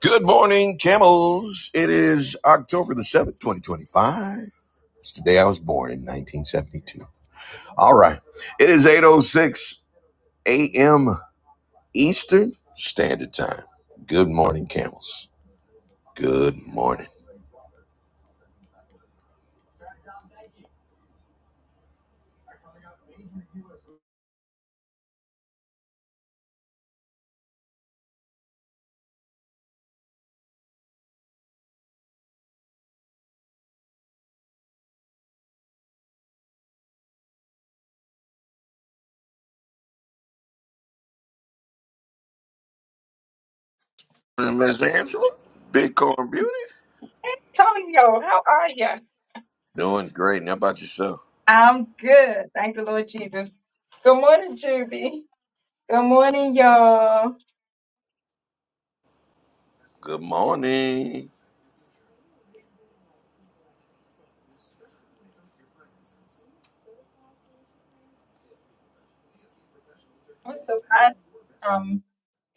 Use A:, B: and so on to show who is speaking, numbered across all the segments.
A: Good morning, camels. It is October the 7th, 2025. It's the day I was born in 1972. All right. It is 8.06 a.m. Eastern Standard Time. Good morning, camels. Good morning. Miss Angela, Bitcoin Beauty.
B: Antonio, how are you?
A: Doing great. And how about yourself?
B: I'm good. Thank the Lord Jesus. Good morning, Juby. Good morning, y'all.
A: Good morning.
B: I'm surprised um,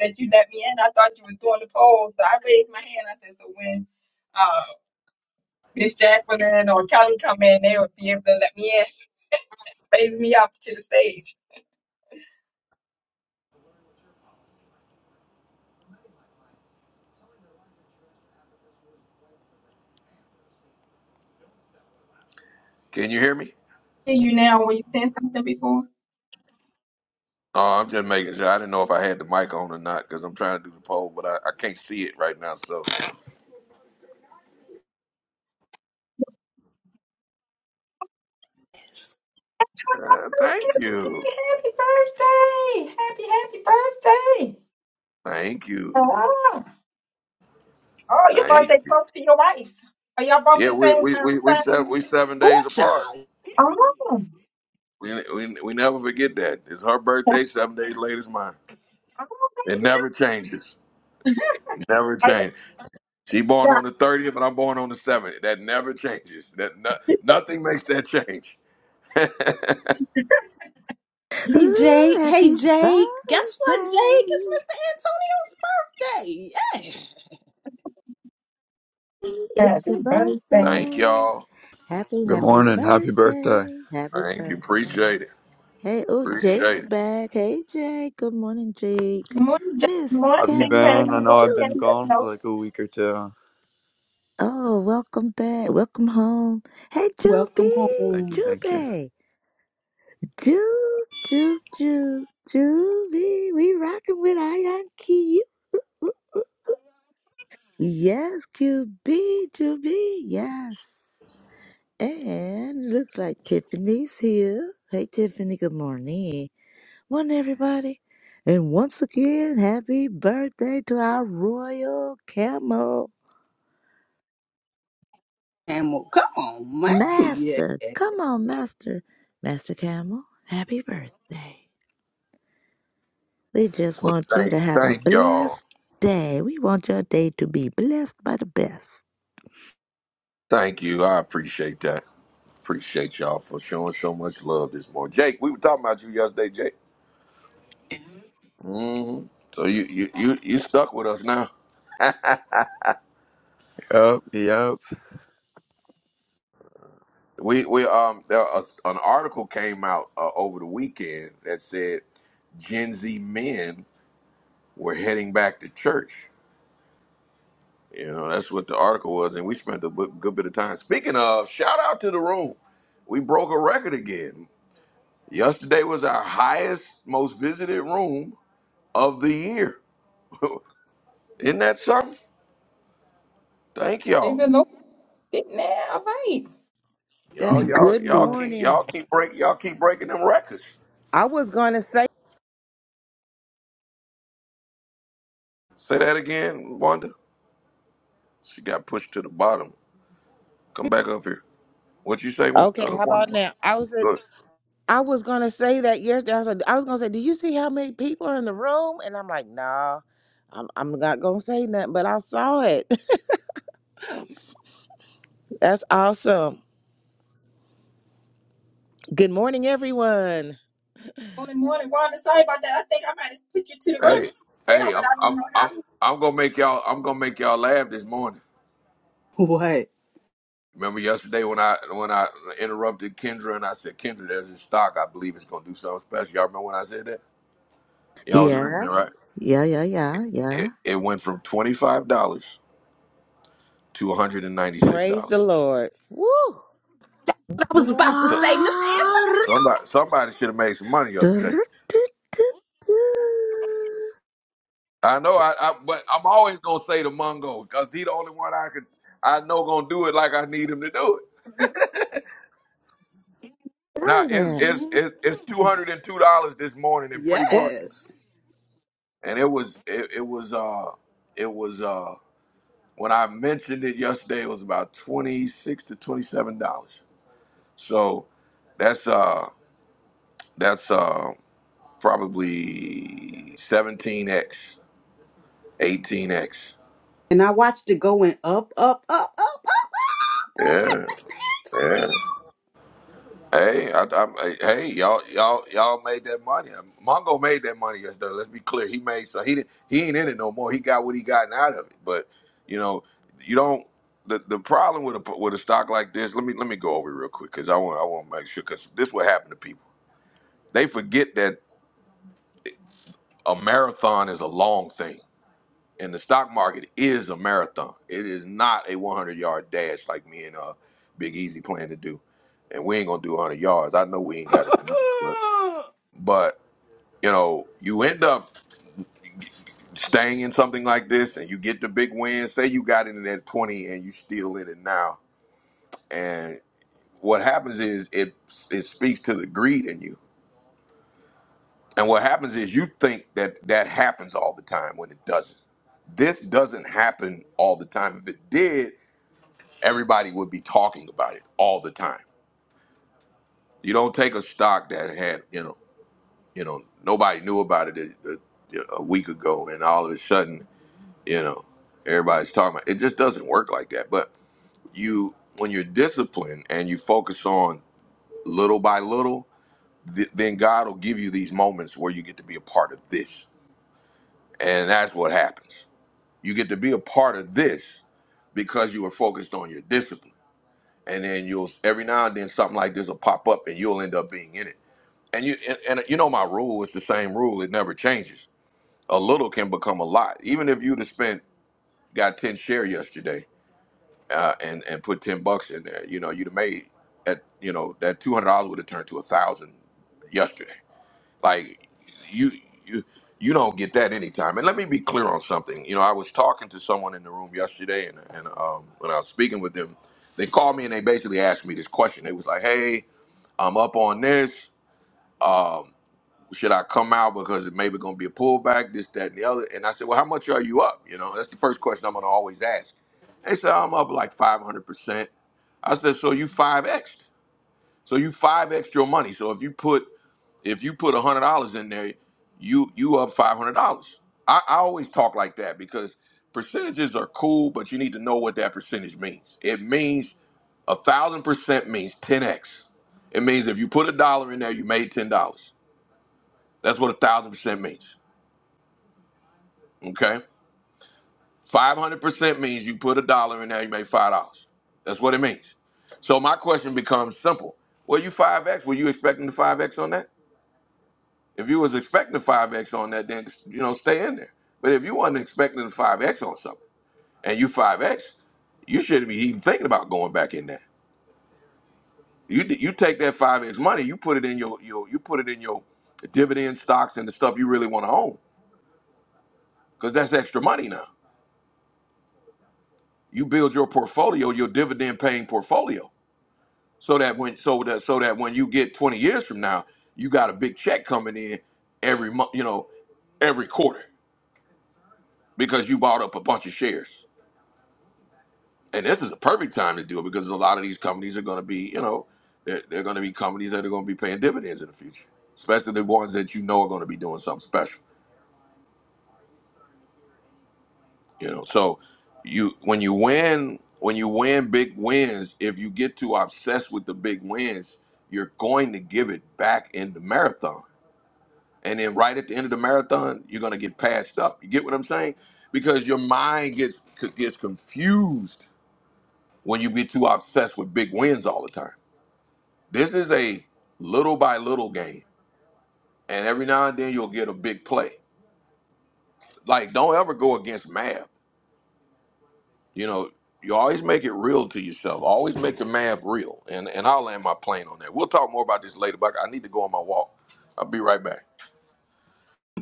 B: that you let me in. I thought you were doing the polls, so I raised my hand. I said, so when uh, Miss Jacqueline or Kelly come in, they would be able to let me in. Raise me up to the stage.
A: Can you hear me?
B: Hear you now. Were you saying something before?
A: Oh, I'm just making sure. I didn't know if I had the mic on or not because I'm trying to do the poll, but I, I can't see it right now. So uh, thank you.
B: Happy birthday! Happy, happy birthday!
A: Thank you.
B: Hello. Oh, your
A: Thank
B: birthday
A: you.
B: close to your wife's. Are y'all both
A: Yeah,
B: the same
A: we we
B: um
A: we we
B: sign?
A: seven we seven
C: Ooh,
A: days apart.
C: child.
B: Oh, okay.
A: We we we never forget that. It's her birthday. Seven days later is mine.
B: yeah.
A: It never changes. Never
B: Okay,
A: change. She born
B: yeah.
A: on the thirtieth, and I'm born on the seventh. That never changes. That no, nothing makes that change.
C: Hey,
D: Ooh,
C: Jake. Hey,
D: happy
C: Jake. Guess what,
D: birthday.
C: Jake? It's Mr. Antonio's birthday. Yeah.
D: It's
B: Happy
D: your
B: birthday.
A: thank
D: birthday.
A: y'all.
D: Happy,
E: Good
D: happy
E: morning. Happy birthday.
D: birthday. Happy
A: Thank you.
D: birthday.
A: Appreciate it.
D: Hey, oh, Jake's
A: Appreciate it.
D: back. Hey, Jake. Good morning, Jake.
B: Morning, Jack.
D: Miss
E: How
B: Morning,
E: have you
B: Big Craig.
E: been? I
D: Kelly,
E: know
B: Morning,
E: I've been
D: Juby.
B: Pastor
E: gone for like
B: Notes.
E: a week or two.
D: Oh, welcome back. Welcome home. Hey,
C: Welcome
D: Juby.
E: Thank you.
C: home,
E: Thank you.
D: Juby. Ju, Ju, Ju, Juby. We rocking with Ion Q. Yes, QB, Juby. Yes. And looks like Tiffany's here. Hey, Tiffany, good morning. Morning, everybody. And once again, happy birthday to our royal camel,
C: Camel. Come on, man. Yeah.
D: Master. Come on, Master. Master Camel, happy birthday. We just
A: Well,
D: want you to
A: thank
D: have a
A: thank y'all.
D: blessed day. We want your day to be blessed by the best.
A: Thank you. I appreciate that. Appreciate y'all for showing so much love this morning. Jake, we were talking about you yesterday, Jake. hmm So you, you you you stuck with us now.
E: Yep. Yep.
A: We we um there a, an article came out uh, over the weekend that said Gen Z men were heading back to church. You know that's what the article was, and we spent a bu- good bit of time. Speaking of, shout out to the room. We broke a record again. Yesterday was our highest, most visited room of the year. Isn't that something? Thank
B: Is
A: y'all.
B: it no? Getting there, all right.
A: Y'all
C: That's
A: y'all
F: Good
A: y'all
C: uh,
A: keep
F: morning.
A: y'all keep break y'all keep breaking them records.
F: I was gonna say,
A: Say that again, Wanda. She got pushed to the bottom. Come back up here. What you say, Wan-
F: okay,
A: uh,
F: how about
A: Wanda?
F: now? I was at,
A: Good.
F: I was gonna say that yesterday. I was, like, I was gonna say, do you see how many people are in the room? And I'm like, nah, I'm, I'm not gonna say nothing. But I saw it. That's awesome. Good morning, everyone.
B: Morning, morning. Well, sorry about that. I think I might have put you to the room
A: Hey,
B: down,
A: hey,
B: but
A: I'm,
B: I
A: I'm,
B: don't know how.
A: I'm,
B: Good
A: I'm gonna make y'all. I'm gonna make y'all laugh this morning.
C: what I
A: Remember yesterday when I when I interrupted Kendra and I said, Kendra, there's this stock I believe it's gonna do something special. Y'all remember when I said that? Y'all was listening,
D: Yes.
A: right?
D: Yeah, yeah, yeah, yeah.
A: It, it went from twenty five dollars to one hundred and ninety six
F: Praise the
A: dollars.
F: Lord. Woo.
C: was
D: Wow.
C: about to
A: So
C: say, Mr. Antonio.
A: somebody somebody should have made some money yesterday. I know, I, I but I'm always gonna say the Mungo because he the only one I could I know gonna do it like I need him to do it. Now
D: Like
A: it's
D: that.
A: it's it's, it's two hundred and two dollars this morning in pre
F: Well,
A: market,
C: Yes.
A: and it was it, it was uh it was uh when I mentioned it yesterday it was about twenty six to twenty seven dollars. So that's uh that's uh probably seventeen x, eighteen x.
C: And I watched it going up, up, up, up, up. up!
A: Yeah, yeah, Hey, I, I'm, hey, hey, y'all, y'all, y'all made that money. Mongo made that money yesterday. Let's be clear. He made so he didn't, he ain't in it no more. He got what he gotten out of it. But you know, you don't. The, the problem with a with a stock like this. Let me let me go over it real quick because I want I want to make sure because this what happened to people. They forget that a marathon is a long thing, and the stock market is a marathon. It is not a 100 yard dash like me and uh Big Easy plan to do. And we ain't gonna do 100 yards. I know we ain't got it. But you know, you end up staying in something like this, and you get the big win. Say you got in it at twenty, and you still in it now. And what happens is it it speaks to the greed in you. And what happens is you think that that happens all the time when it doesn't. This doesn't happen all the time. If it did, everybody would be talking about it all the time. You don't take a stock that had you know you know nobody knew about it a, a, a week ago, and all of a sudden you know everybody's talking about it just doesn't work like that but you when you're disciplined and you focus on little by little th- then god will give you these moments where you get to be a part of this and that's what happens you get to be a part of this because you were focused on your discipline and then you'll every now and then something like this will pop up and you'll end up being in it and you and, and you know my rule is the same rule it never changes a little can become a lot even if you'd have spent got 10 share yesterday uh, and and put ten bucks in there, you know, you'd have made at you know that two hundred dollars would have turned to a thousand yesterday. Like you you you don't get that anytime. And let me be clear on something. You know, I was talking to someone in the room yesterday, and and um, when I was speaking with them, they called me and they basically asked me this question. They was like, "Hey, I'm up on this. Um, should I come out because it maybe going to be a pullback? This, that, and the other." And I said, "Well, how much are you up?" You know, that's the first question I'm going to always ask. They said, "I'm up like 500%." I said, so you five x, so you five x your money. So if you put if you put hundred dollars in there, you you up five hundred dollars. I, I always talk like that because percentages are cool, but you need to know what that percentage means. It means a thousand percent means ten x. It means if you put a dollar in there, you made ten dollars. That's what a thousand percent means. Okay. 500% means you put a dollar in there, you make $5. That's what it means. So my question becomes simple. Well, you 5X, were you expecting to 5X on that? If you was expecting to 5X on that, then, you know, stay in there. But if you wasn't expecting to 5X on something and you 5X, you shouldn't be even thinking about going back in there. You you take that 5X money, you put it in your, your you put it in your dividend stocks and the stuff you really want to own because that's extra money now. You build your portfolio, your dividend paying portfolio. so that when so that so that when you get 20 years from now you got a big check coming in every month you know every quarter because you bought up a bunch of shares and this is a perfect time to do it because a lot of these companies are going to be you know they're, they're going to be companies that are going to be paying dividends in the future especially the ones that you know are going to be doing something special you know so you when you win when you win big wins if you get too obsessed with the big wins you're going to give it back in the marathon and then right at the end of the marathon, you're gonna get passed up. You get what I'm saying? Because your mind gets gets confused when you get too obsessed with big wins all the time. This is a little by little game, and every now and then you'll get a big play. Like don't ever go against math. You know, you always make it real to yourself. Always make the math real. And and I'll land my plane on that. We'll talk more about this later, but I need to go on my walk. I'll be right back.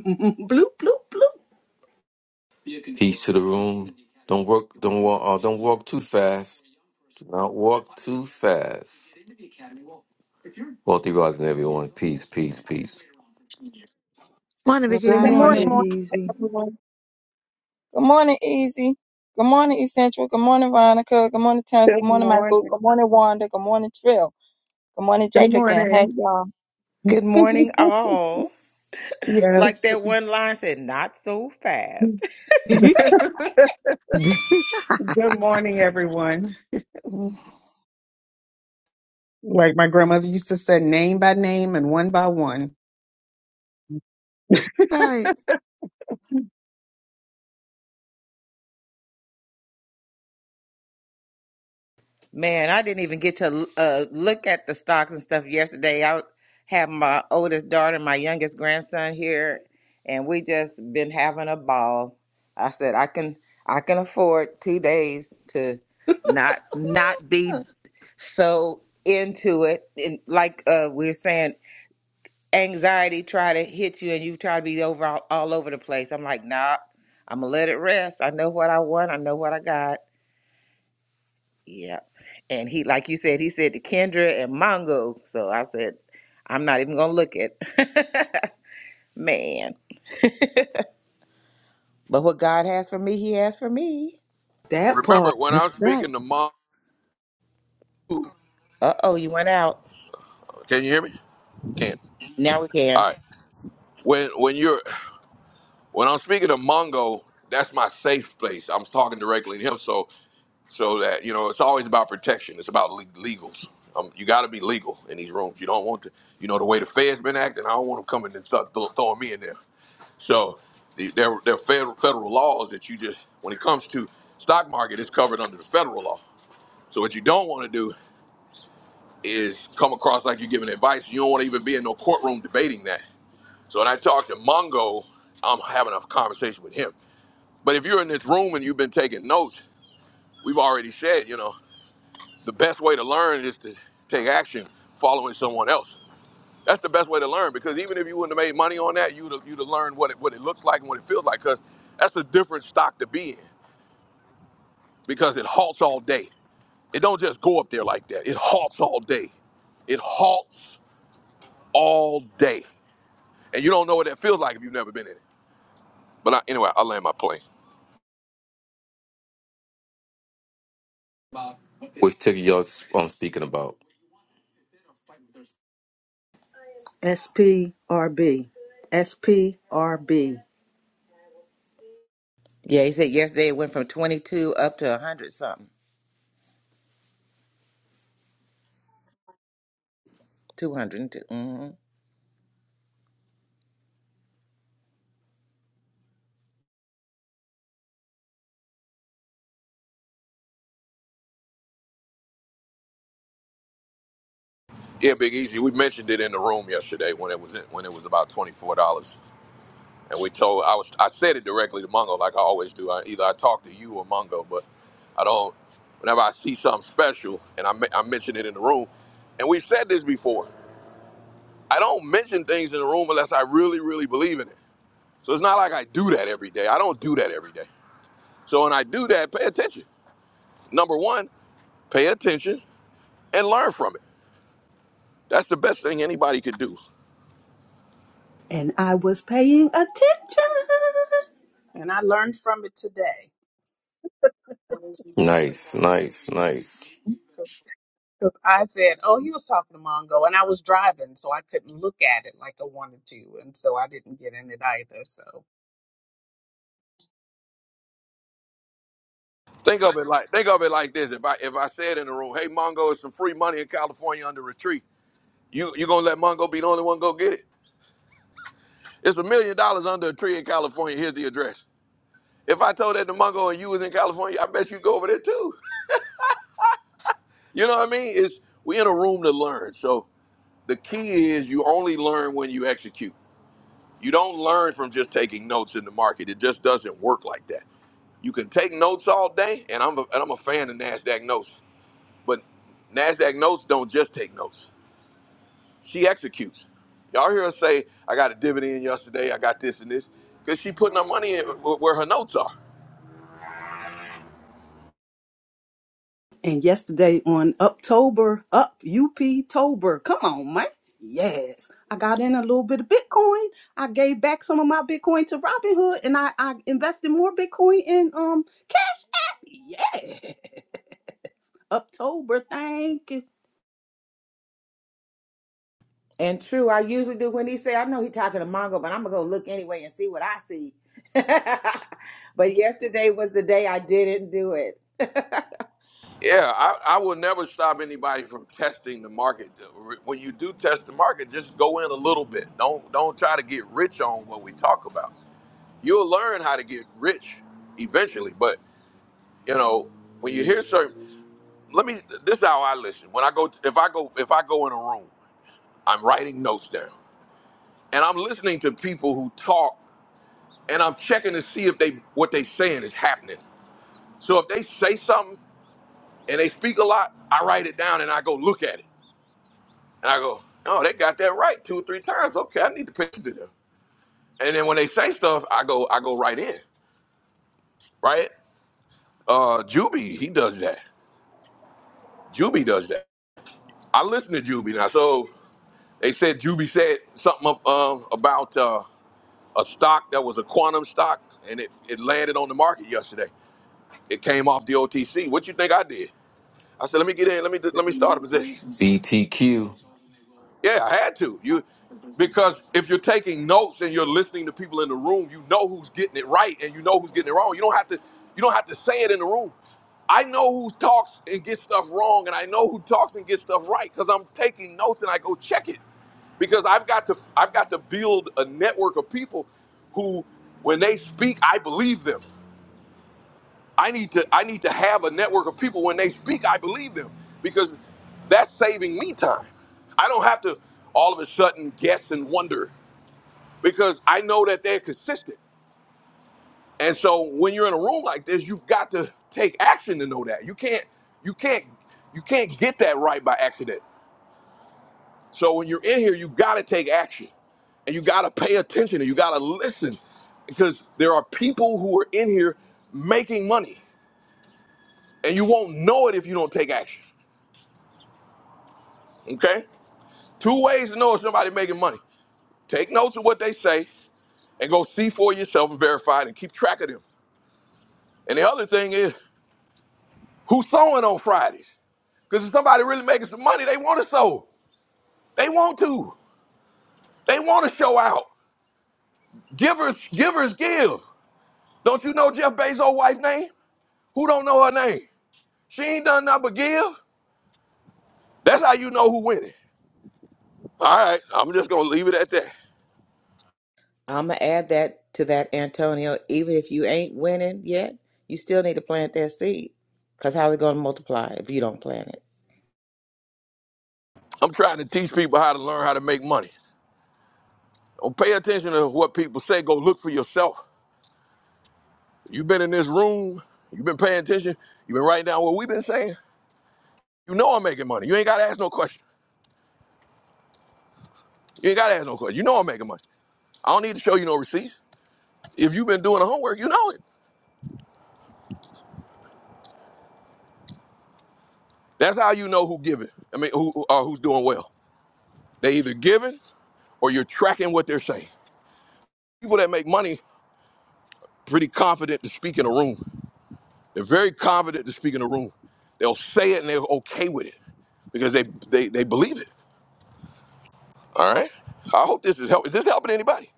C: bloop, bloop, bloop.
G: Peace to the room. Don't work. Don't walk. Uh, don't walk too fast. Do not walk too fast. Wealthy rising, everyone. Peace, peace, peace.
D: Morning, Big
H: Good
D: Easy.
C: Horizon,
I: Good
B: morning.
C: Big
H: morning.
I: morning,
C: Easy.
I: everyone.
B: Good morning, Easy. Good morning, Essential. Good morning, Veronica. Good morning, Terrence. Good
I: Good
B: morning, Michael.
I: morning.
B: Good morning, Wanda. Good morning, Trill. Good morning, Jake
H: Good
B: again. Hey,
H: morning.
B: y'all.
F: good morning, all.
I: yes.
F: Like that one line said, not so fast.
I: Good morning, everyone. Like my grandmother used to say, name by name and one by one.
D: right.
F: Man, I didn't even get to uh, look at the stocks and stuff yesterday. I have my oldest daughter, and my youngest grandson here, and we just been having a ball. I said I can I can afford two days to not not be so into it. And like uh, we were saying, anxiety try to hit you, and you try to be over all, all over the place. I'm like, nah, I'm gonna let it rest. I know what I want. I know what I got yeah, And he, like you said, he said to Kendra and Mongo. So I said, I'm not even gonna look at man. But what God has for me, He has for me.
C: that part.
A: Remember when I'm
D: That's right.
A: speaking to mom.
F: Uh oh, you went out.
A: Can you hear me? Can't.
F: Now we can.
A: All right. when when you're when I'm speaking to Mongo, that's my safe place. I'm talking directly to him, so so that you know it's always about protection. It's about le- legals. Um, you got to be legal in these rooms. You don't want to, you know, the way the Fed's been acting. I don't want them coming and th- th- throwing me in there. So the, there there are federal federal laws that you just when it comes to stock market, it's covered under the federal law. So what you don't want to do is come across like you're giving advice. You don't want to even be in no courtroom debating that So when I talk to Mongo, I'm having a conversation with him. But if you're in this room and you've been taking notes, we've already said, you know, the best way to learn is to take action following someone else. That's the best way to learn because even if you wouldn't have made money on that, you'd have, you'd have learned what it, what it looks like and what it feels like because that's a different stock to be in because it halts all day. It don't just go up there like that. It halts all day. It halts all day. And you don't know what that feels like if you've never been in it. But I, anyway, I'll land my plane.
G: Which ticker y'all um, speaking about?
C: SPRB, SPRB.
F: Yeah, he said yesterday it went from 22 up to 100 something, 202. hmm
A: Yeah, Big Easy. We mentioned it in the room yesterday when it was when it was about twenty four dollars, and we told I was I said it directly to Mungo like I always do. I, either I talk to you or Mungo, but I don't. Whenever I see something special and I men- I mention it in the room, and we've said this before, I don't mention things in the room unless I really really believe in it. So it's not like I do that every day. I don't do that every day. So when I do that, pay attention. Number one, pay attention and learn from it. That's the best thing anybody could do.
C: And I was paying attention.
I: And I learned from it today
G: Nice, nice, nice.
I: because I said, oh, he was talking to Mongo, and I was driving, so I couldn't look at it like I wanted to. And so I didn't get in it either. So
A: Think of it like think of it like this. If I if I said in the room, hey Mongo, it's some free money in California under a tree. You you gonna let Mongo be the only one go get it? It's a million dollars under a tree in California. Here's the address. If I told that to Mongo and you was in California, I bet you go over there too. You know what I mean? It's we in a room to learn. So the key is you only learn when you execute. You don't learn from just taking notes in the market. It just doesn't work like that. You can take notes all day, and I'm a, and I'm a fan of Nasdaq notes, but Nasdaq notes don't just take notes. She executes. Y'all hear her say, I got a dividend yesterday, I got this and this, because she putting her money in wh- where her notes are.
C: And yesterday on Uptober, up UP Tober. Come on, man. Yes. I got in a little bit of Bitcoin. I gave back some of my Bitcoin to Robinhood and I, I invested more Bitcoin in um Cash App. Yeah. Uptober, thank you.
F: And true, I usually do when he say, I know he talking to Mongo, but I'm gonna go look anyway and see what I see. but yesterday was the day I didn't do it.
A: Yeah, I, I will never stop anybody from testing the market. When you do test the market, just go in a little bit. Don't don't try to get rich on what we talk about. You'll learn how to get rich eventually, but you know when you hear certain. Let me. This is how I listen. When I go, if I go, if I go in a room, I'm writing notes down, and I'm listening to people who talk and I'm checking to see if they what they saying is happening. So if they say something and they speak a lot, I write it down and I go look at it. And I go, oh, they got that right two or three times. Okay, I need to pay attention to them. And then when they say stuff, I go I go right in, right? Uh Juby, he does that. Juby does that. I listen to Juby now. So they said Juby said something uh, um, about uh, a stock that was a quantum stock and it, it landed on the market yesterday. It came off the OTC. What you think I did? I said, let me get in. Let me let me start a position.
G: BTQ.
A: Yeah, I had to. You because if you're taking notes and you're listening to people in the room, you know who's getting it right and you know who's getting it wrong. You don't have to you don't have to say it in the room. I know who talks and gets stuff wrong, and I know who talks and gets stuff right because I'm taking notes and I go check it because I've got to I've got to build a network of people who, when they speak, I believe them. I need to I need to have a network of people when they speak, I believe them because that's saving me time. I don't have to all of a sudden guess and wonder because I know that they're consistent. And so when you're in a room like this, you've got to take action to know that. You can't you can't you can't get that right by accident. So when you're in here, you got to take action and you got to pay attention and you got to listen because there are people who are in here making money and you won't know it if you don't take action. Okay? Two ways to know if somebody making money. Take notes of what they say and go see for yourself and verify it and keep track of them. And the other thing is who's sewing on Fridays? Because if somebody really making some money, they want to sow. They want to. They want to show out. Givers, givers give. Don't you know Jeff Bezos' wife's name? Who don't know her name? She ain't done nothing but give. That's how you know who winning. All right, I'm just gonna leave it at that.
F: I'm gonna add that to that, Antonio. Even if you ain't winning yet, you still need to plant that seed. Cause how they gonna multiply if you don't plant it?
A: I'm trying to teach people how to learn how to make money. Don't pay attention to what people say. Go look for yourself. You've been in this room. You've been paying attention. You've been writing down what we've been saying. You know I'm making money. You ain't got to ask no question. You ain't got to ask no question. You know I'm making money. I don't need to show you no receipts. If you've been doing the homework, you know it. That's how you know who giving. I mean, who who- uh, who's doing well. They either giving or you're tracking what they're saying. People that make money pretty confident to speak in a room. They're very confident to speak in a room. They'll say it and they're okay with it because they they, they believe it. All right. I hope this is help. Is this helping anybody?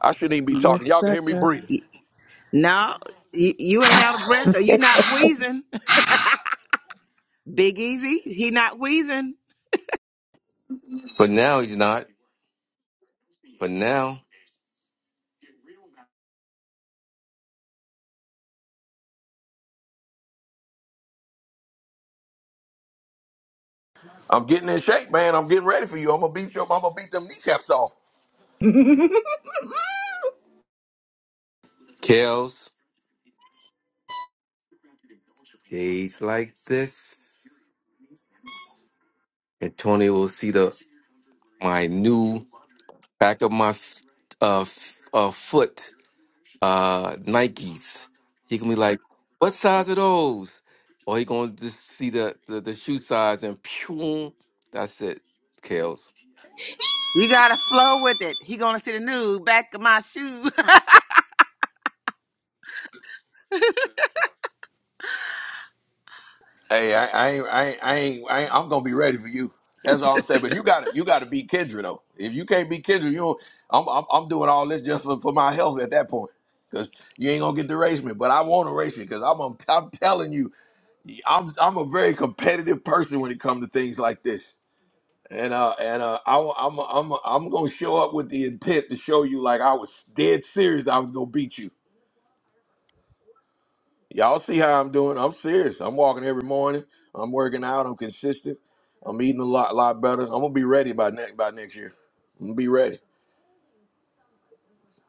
A: I shouldn't even be
C: Yes,
A: talking. Y'all can hear me
C: sir.
A: breathing.
F: Y- No, you, you ain't out of breath or you not wheezing. Big Easy, he not wheezing.
G: For now, he's not. For now,
A: I'm getting in shape, man. I'm getting ready for you. I'm gonna beat you up. I'm gonna beat them kneecaps off.
G: Kels. Days like this, Antonio will see the my new back of my f- uh, f- uh foot uh Nikes. He can be like, "What size are those?" Or he gonna just see the the, the shoe size and pew. That's it, Kales.
F: You gotta flow with it. He gonna see the new back of my shoe.
A: Hey, I, I, ain't, I, ain't, I, ain't, I ain't, I'm gonna be ready for you. That's all I'm saying. But you gotta, you gotta beat Kendra though. If you can't beat Kendra, you, don't- I'm, I'm, I'm doing all this just for, for my health at that point. Cause you ain't gonna get to race me, but I want to race you. Cause I'm, a, I'm telling you, I'm, I'm a very competitive person when it comes to things like this. and uh and uh I, wa- I'm I'm I'm gonna show up with the intent to show you like I was dead serious I was gonna beat you. Y'all see how I'm doing? I'm serious. I'm walking every morning. I'm working out. I'm consistent. I'm eating a lot lot better. I'm gonna be ready by next by next year. I'm gonna be ready.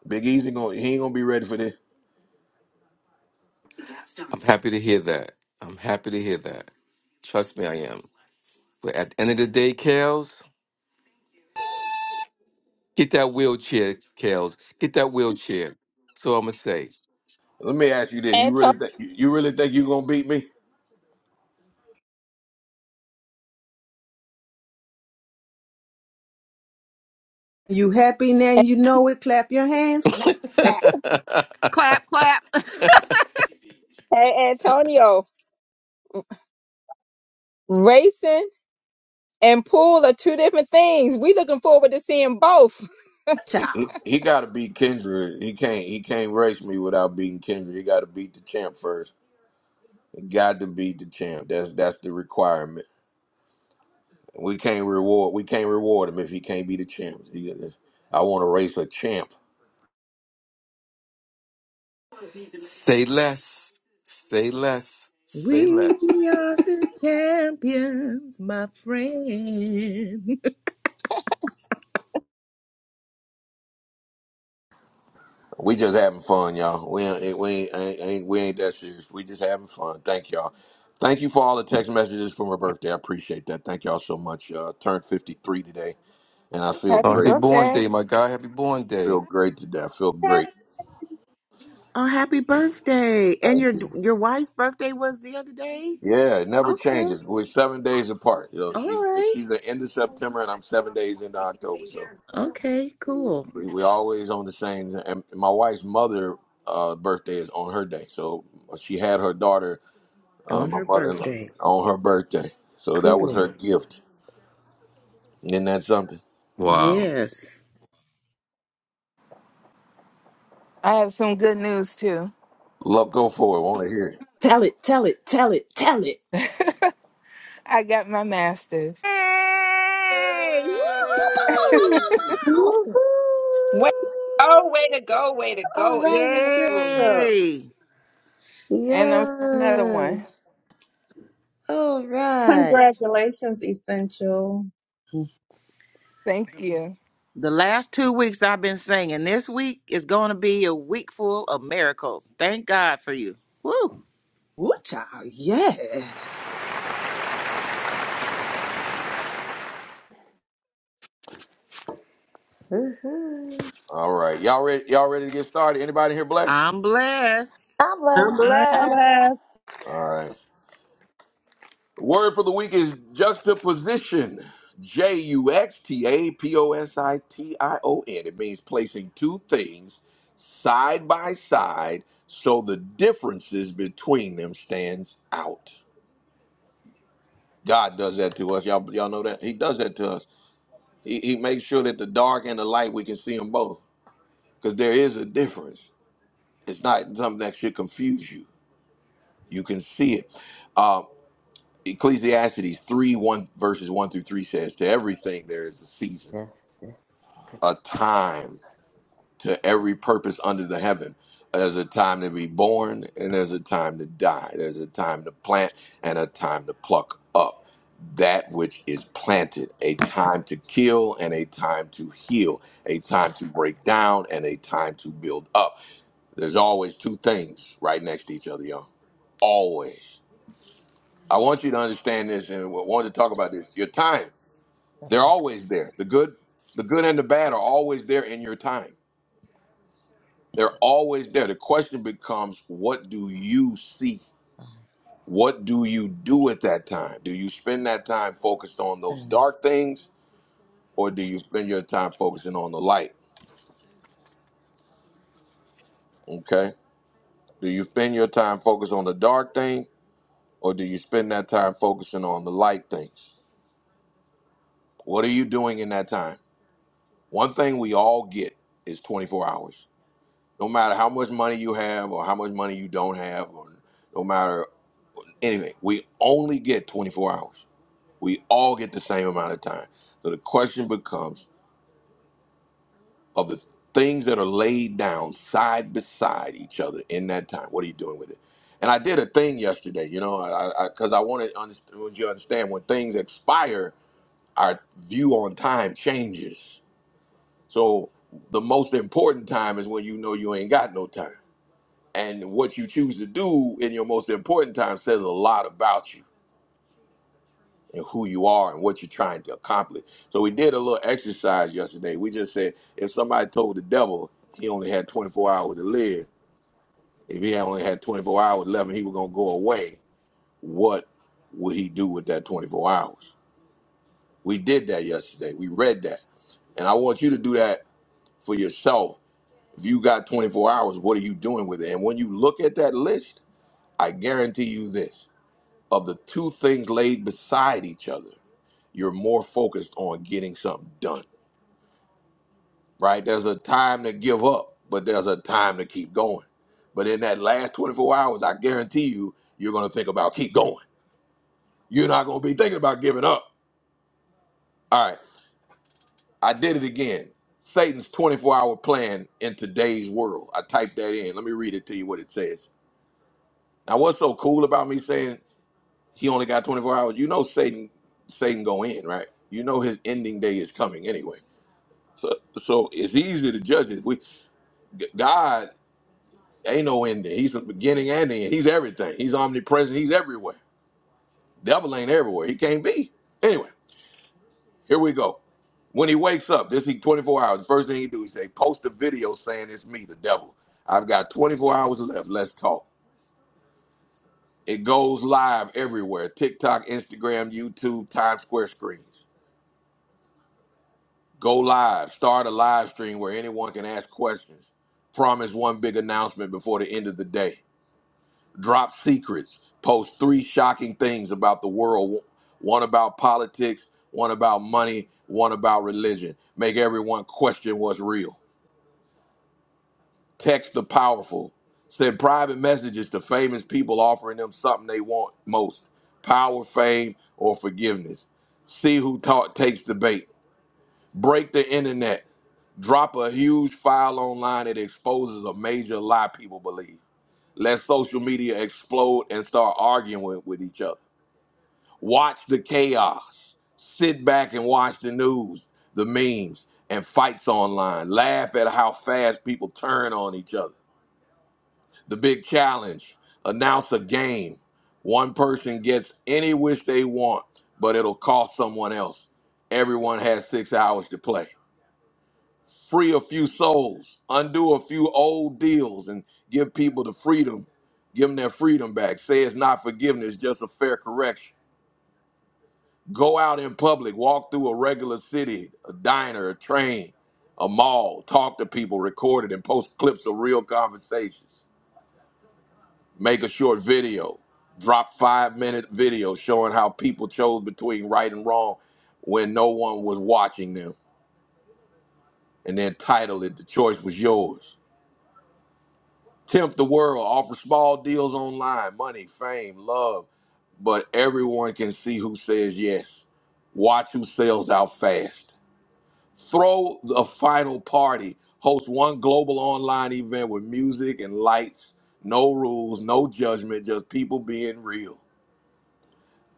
A: Big Easy gonna he ain't gonna be ready for this.
G: I'm happy to hear that. I'm happy to hear that. Trust me, I am. But at the end of the day, Kales, get that wheelchair, Kales. Get that wheelchair. So I'm gonna say.
A: Let me ask you this: You
B: And
A: really
B: Tony.
A: think you really think you gonna beat me?
C: You happy now? You know it. Clap your hands. Clap.
F: clap, clap.
B: Hey, Antonio, racing and pool are two different things. We looking forward to seeing both.
A: He, he,
C: Child,
A: he got to beat Kendra. He can't he can't race me without beating Kendra. He got to beat the champ first. He got to beat the champ. That's that's the requirement. We can't reward. We can't reward him if he can't be the champ. He- it's- I want to race a champ.
G: say less. Say less. Say
F: We
G: less.
F: are the champions, my friend.
A: We just having fun, y'all. We ain't, we ain't, ain't, ain't we ain't that serious. We just having fun. Thank y'all. Thank you for all the text messages for my birthday. I appreciate that. Thank y'all so much. Uh, turned fifty three today, and I feel
G: Oh,
H: Happy
G: happy
A: great.
G: born
H: birthday.
G: day, my guy. Happy born
A: Feel
G: day.
A: great today. I feel
I: Yeah.
A: great.
F: Oh, happy birthday! And
A: Thank
F: your
A: you.
F: your wife's birthday was the other day.
A: Yeah, it never
F: Okay.
A: changes. We're seven days apart. You know,
F: All
A: she
F: right.
A: she's the end of September, and I'm seven days into October. So.
F: Okay. Cool.
A: We we always on the same. And my wife's mother' uh, birthday is on her day, so she had her daughter, uh,
F: On
A: my
F: her
A: mother-in-law,
F: birthday.
A: on her birthday. So that was
F: Cool.
A: her gift. Isn't that something?
F: Yes.
H: I have some good news too.
A: Love, go for it. Want to hear it?
C: tell it, tell it, tell it, tell it.
H: I got my master's
F: Yay! Woohoo!
A: Hey!
D: Woohoo!
B: Way, oh, way to go, way to
D: All
B: go.
D: right, it's
B: Essential.
D: central.
F: Yay!
H: and I'm starting another one.
D: Yes. All right.
I: Congratulations, Essential. Mm.
H: Thank you.
F: The last two weeks I've been singing. This week is going to be a week full of miracles. Thank God for you. Woo!
C: Ooh, child, yes.
D: Woo-hoo.
A: All right, y'all ready? Y'all ready to get started? Anybody here blessed?
F: I'm blessed.
D: I'm
J: I'm
D: left.
I: I'm
B: Um,
I: glad.
J: blessed.
A: All right. Word for the week is juxtaposition. J U X T A P O S I T I O N. It means placing two things side by side so the differences between them stands out. God does that to us. Y'all, y'all know that? He does that to us. He, he makes sure that the dark and the light, we can see them both because there is a difference. It's not something that should confuse you. You can see it. Uh, Ecclesiastes 3 1 verses 1 through 3 says, To everything there is a season,
D: Yes, yes.
A: a time to every purpose under the heaven. There's a time to be born and there's a time to die. There's a time to plant and a time to pluck up that which is planted, a time to kill and a time to heal, a time to break down and a time to build up. There's always two things right next to each other, y'all. Always. I want you to understand this and I want to talk about this. Your time. They're always there. The good, the good and the bad are always there in your time. They're always there. The question becomes, what do you see? What do you do at that time? Do you spend that time focused on those dark things, or do you spend your time focusing on the light? Okay. Do you spend your time focused on the dark thing, or do you spend that time focusing on the light things? What are you doing in that time? One thing we all get is 24 hours. no matter how much money you have or how much money you don't have or no matter anything we only get 24 hours we all get the same amount of time so the question becomes of the things that are laid down side beside each other in that time what are you doing with it and i did a thing yesterday you know because i, I, 'cause I wanted understand, you to understand when things expire our view on time changes so the most important time is when you know you ain't got no time and what you choose to do in your most important time says a lot about you and who you are and what you're trying to accomplish. So we did a little exercise yesterday. We just said if somebody told the devil he only had 24 hours to live, if he had only had 24 hours left and he was gonna go away, what would he do with that 24 hours? We did that yesterday. We read that. And I want you to do that for yourself. If you got 24 hours, what are you doing with it? And when you look at that list, I guarantee you this of the two things laid beside each other, you're more focused on getting something done, right? There's a time to give up, but there's a time to keep going. But in that last 24 hours, I guarantee you, you're going to think about keep going. You're not going to be thinking about giving up. All right, I did it again. Satan's 24 hour plan in today's world. I typed that in. Let me read it to you what it says. Now, what's so cool about me saying he only got 24 hours? You know, Satan, Satan go in, right? You know, his ending day is coming anyway So, so it's easy to judge it. We G- God ain't no ending. He's from the beginning and the end. He's everything. He's omnipresent. He's everywhere. Devil ain't everywhere. He can't be. Anyway, here we go. When he wakes up, this he 24 hours. The first thing he do, he say, post a video saying it's me, the devil. I've got 24 hours left. Let's talk. It goes live everywhere. TikTok, Instagram, YouTube, Times Square screens. Go live. Start a live stream where anyone can ask questions. Promise one big announcement before the end of the day drop secrets, post three shocking things about the world one about politics, one about money, one about religion. Make everyone question what's real. Text the powerful. Send private messages to famous people offering them something they want most power, fame, or forgiveness. See who ta- takes the bait. Break the internet. Drop a huge file online that exposes a major lie people believe. Let social media explode and start arguing with with each other Watch the chaos. Sit back and watch the news, the memes, and fights online. Laugh at how fast people turn on each other. The big challenge announce a game. One person gets any wish they want, but it'll cost someone else. Everyone has six hours to play. Free a few souls, undo a few old deals, and give people the freedom. Give them their freedom back. Say it's not forgiveness, just a fair correction Go out in public, walk through a regular city, a diner, a train, a mall, talk to people, record it, and post clips of real conversations. Make a short video, drop five minute video showing how people chose between right and wrong when no one was watching them, and then title it The Choice Was Yours. Tempt the world, offer small deals online, money, fame, love, but everyone can see who says yes. Watch who sells out fast throw a final party, host one global online event with music and lights, no rules, no judgment, just people being real.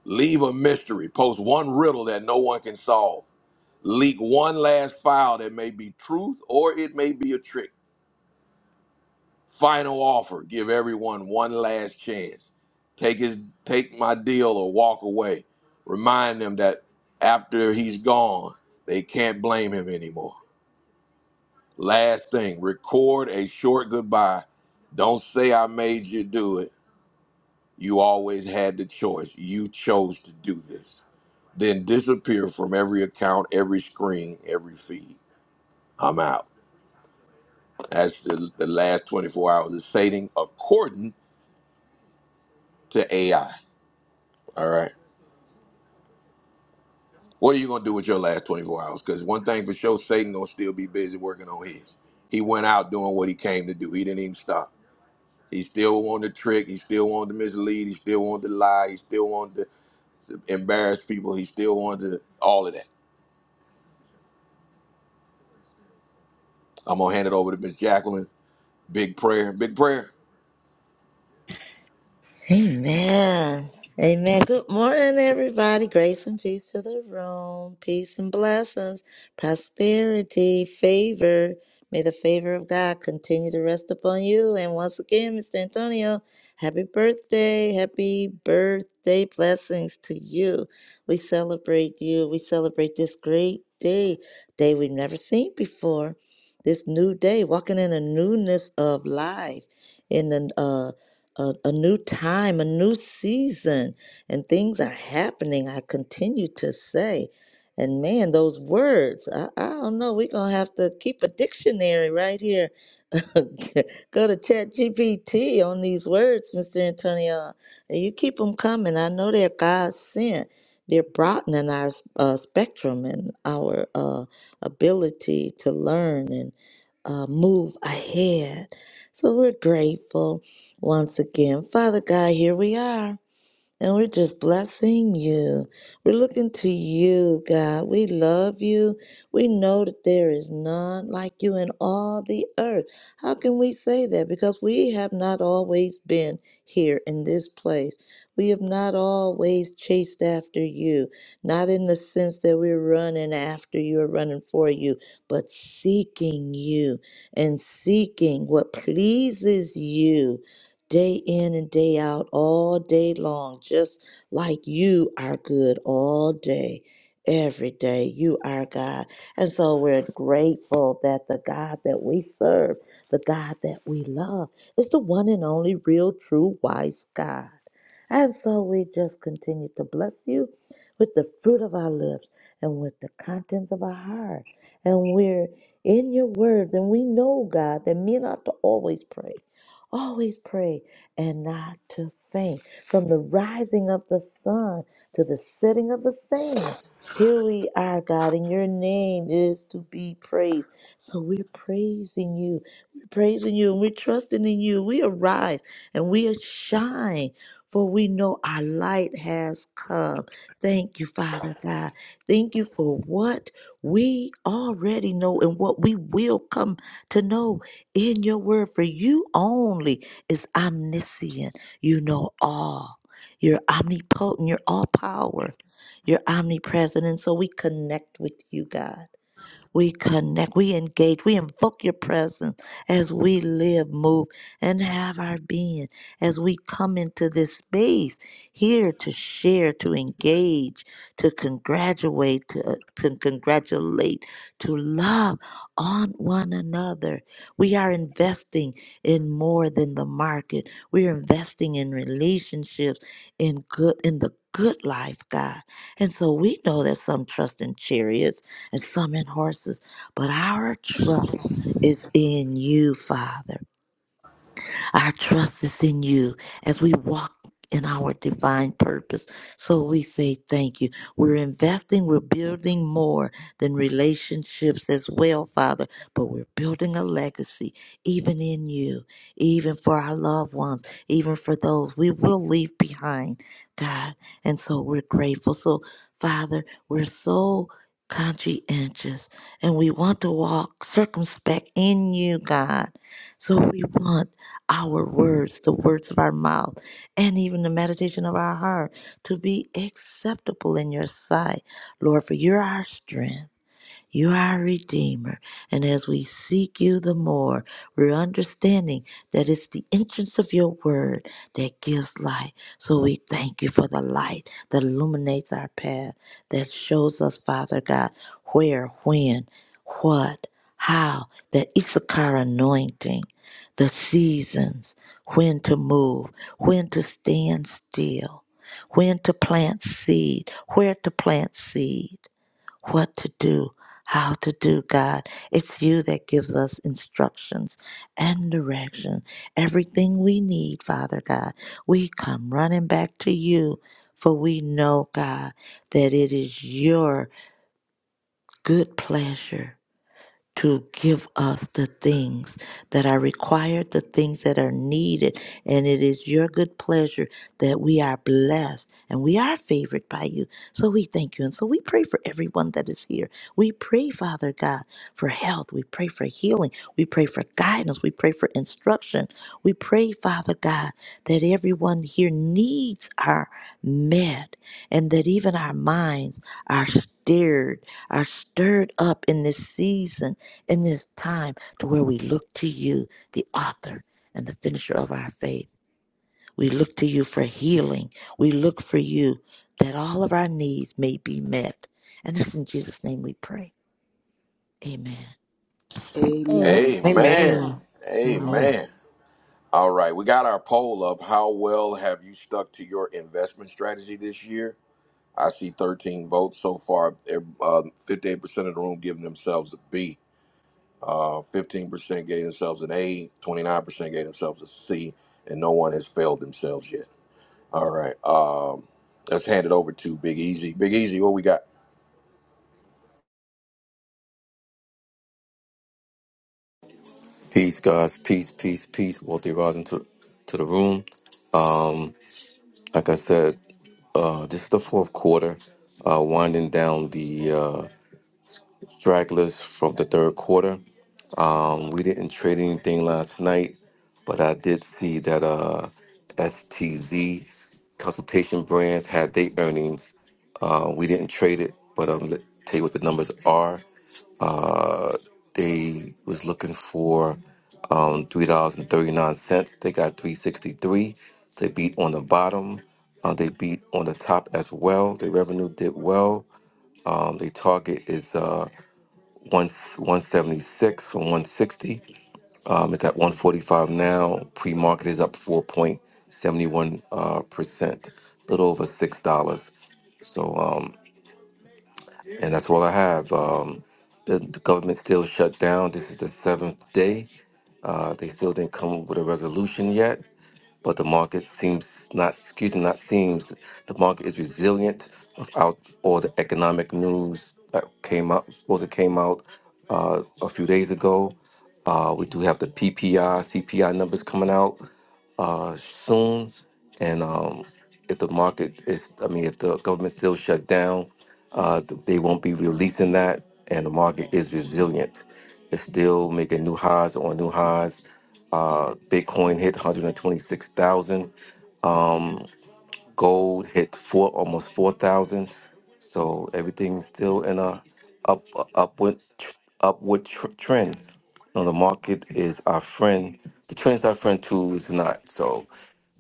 A: Leave a mystery, post one riddle that no one can solve, leak one last file that may be truth or it may be a trick. Final offer, give everyone one last chance. Take his take my deal or walk away. Remind them that after he's gone, they can't blame him anymore. Last thing, record a short goodbye. Don't say I made you do it. You always had the choice. You chose to do this. Then disappear from every account, every screen, every feed. I'm out. That's the, the last 24 hours of Satan according to AI. All right. What are you gonna do with your last 24 hours? Because one thing for sure, Satan gonna still be busy working on his. He went out doing what he came to do. He didn't even stop. He still wanted to trick. He still wanted to mislead. He still wanted to lie. He still wanted to embarrass people. He still wanted to all of that. I'm gonna hand it over to Miss Jacqueline. Big prayer. Big prayer.
D: Amen. Amen. Good morning, everybody. Grace and peace to the room. Peace and blessings, prosperity, favor. May the favor of God continue to rest upon you. And once again, Mr. Antonio, happy birthday. Happy birthday. Blessings to you. We celebrate you. We celebrate this great day, day we've never seen before. This new day, walking in a newness of life. In the uh a, a new time, a new season, and things are happening. I continue to say, and man, those words, I, I don't know, we're going to have to keep a dictionary right here. Go to Chat GPT on these words, Mr. Antonio, and you keep them coming. I know they're God sent. They're broadening our uh, spectrum and our uh, ability to learn uh, move ahead. So we're grateful once again. Father God, here we are. And we're just blessing you. We're looking to you, God. We love you. We know that there is none like you in all the earth. How can we say that? Because we have not always been here in this place. We have not always chased after you, not in the sense that we're running after you or running for you, but seeking you and seeking what pleases you day in and day out, all day long, just like you are good all day, every day. You are God. And so we're grateful that the God that we serve, the God that we love, is the one and only real, true, wise God. And so we just continue to bless you with the fruit of our lips and with the contents of our heart. And we're in your words, and we know, God, that men ought to always pray Always pray and not to faint. From the rising of the sun to the setting of the same. Here we are, God, and your name is to be praised. So we're praising you. We're praising you and we're trusting in you. We arise and we shine, for we know our light has come. Thank you, Father God. Thank you for what we already know and what we will come to know in your word, for you only is omniscient. You know all. You're omnipotent. You're all power. You're omnipresent. And so we connect with you, God. We connect, we engage, we invoke your presence as we live, move, and have our being. As we come into this space here to share, to engage, to congratulate, to, to congratulate, to love on one another. We are investing in more than the market. We are investing in relationships, in good, in the good life, God. And so we know that some trust in chariots and some in horses. But our trust is in you, Father. Our trust is in you as we walk in our divine purpose. So we say thank you. We're investing, we're building more than relationships as well, Father, but we're building a legacy even in you, even for our loved ones, even for those we will leave behind, God. And so we're grateful. So, Father, we're so conscientious and we want to walk circumspect in you, God. So we want our words, the words of our mouth, and even the meditation of our heart to be acceptable in your sight, Lord, for you're our strength. You are a Redeemer. And as we seek you the more, we're understanding that it's the entrance of your word that gives light. So we thank you for the light that illuminates our path, that shows us, Father God, where, when, what, how, that Issachar anointing, the seasons, when to move, when to stand still, when to plant seed, where to plant seed what to do, how to do, God. It's you that gives us instructions and direction. Everything we need, Father God, we come running back to you, for we know, God, that it is your good pleasure to give us the things that are required, the things that are needed. And it is your good pleasure that we are blessed and we are favored by you. So we thank you. And so we pray for everyone that is here. We pray, Father God, for health. We pray for healing. We pray for guidance. We pray for instruction. We pray, Father God, that everyone here needs our met and that even our minds are stirred are stirred up in this season in this time to where we look to you the author and the finisher of our faith we look to you for healing we look for you that all of our needs may be met and it's in jesus name we pray amen
B: Amen.
C: Amen.
A: Amen.
J: Amen. Amen.
A: Amen. All right, we got our poll up. How well have you stuck to your investment strategy this year? I see 13 votes so far. Ev- Uh, 58% of the room giving themselves a B. Uh, 15% gave themselves an A. 29% gave themselves a C. And no one has failed themselves yet. All right. Um, let's hand it over to Big Easy. Big Easy, what we got?
G: Peace, guys. Peace, peace, peace. Walter Rising to to the room. Um, like I said, uh, this is the fourth quarter, uh, winding down the uh, stragglers from the third quarter. Um, we didn't trade anything last night, but I did see that uh, STZ Consultation Brands had their earnings. Uh, we didn't trade it, but I'll let- tell you what the numbers are. Uh, they was looking for um, three dollars and thirty nine cents. They got three sixty three. They beat on the bottom. Uh, they beat on the top as well. Their revenue did well. Um, their target is uh, one one seventy six from one sixty. Um, it's at 145 now. Pre-market is up 4.71 uh, percent, a little over six dollars. So, um, and that's all I have. Um, the, the government still shut down. This is the seventh day. Uh, they still didn't come up with a resolution yet but the market seems not excuse me not seems the market is resilient without all the economic news that came out supposed to came out uh, a few days ago. Uh, we do have the PPI, CPI numbers coming out uh, soon. And um, if the market is, I mean, if the government still shut down, uh, th- they won't be releasing that. And the market is resilient. It's still making new highs on new highs. Uh, Bitcoin hit 126,000. Um, gold hit four, almost 4,000. So everything's still in a up upward tr- upward tr- trend. No, the market is our friend. The trend is our friend too is not. So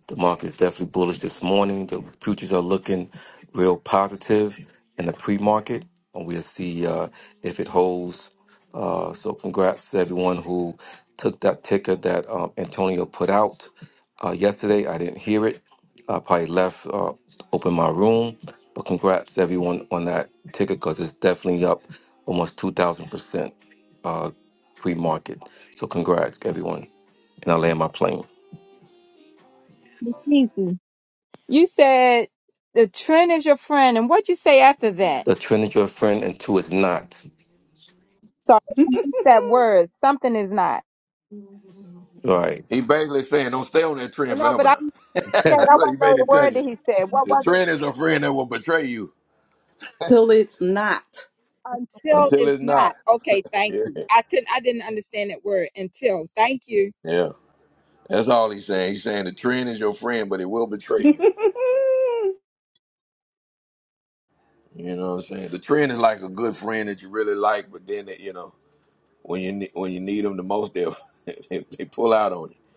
G: the market is definitely bullish this morning. The futures are looking real positive in the pre-market, and we'll see uh, if it holds. Uh, so, congrats to everyone who took that ticker that um, Antonio put out uh, yesterday. I didn't hear it. I probably left, uh, opened my room, but congrats to everyone on that ticker because it's definitely up almost two thousand percent uh, pre-market. So, congrats everyone, and I land my plane.
B: Easy. You said the trend is your friend, and what'd you say after that?
G: The Trinity your friend and two is not.
B: Sorry, I missed that word. Something is not.
G: Right.
A: He basically saying, don't stay on that
B: Oh,
A: trend
B: No, but
A: forever
B: I
A: now.
B: said
A: That's
B: I
A: what he
B: want to know
A: basically
B: the
A: telling
B: word that
A: you.
B: he said. What
A: The
B: was it?
A: trend is a friend that will betray you
C: Till it's not.
B: Until
A: until
B: it's
A: it's not.
B: not. Okay, thank
A: Yeah.
B: you. I couldn't. I didn't understand that word. Until. Thank you,
A: Yeah. That's all he's saying. He's saying the trend is your friend, but it will betray you. You know what I'm saying? The trend is like a good friend that you really like, but then, they, you know, when you ne- when you need them the most, they'll, they, they pull out on you.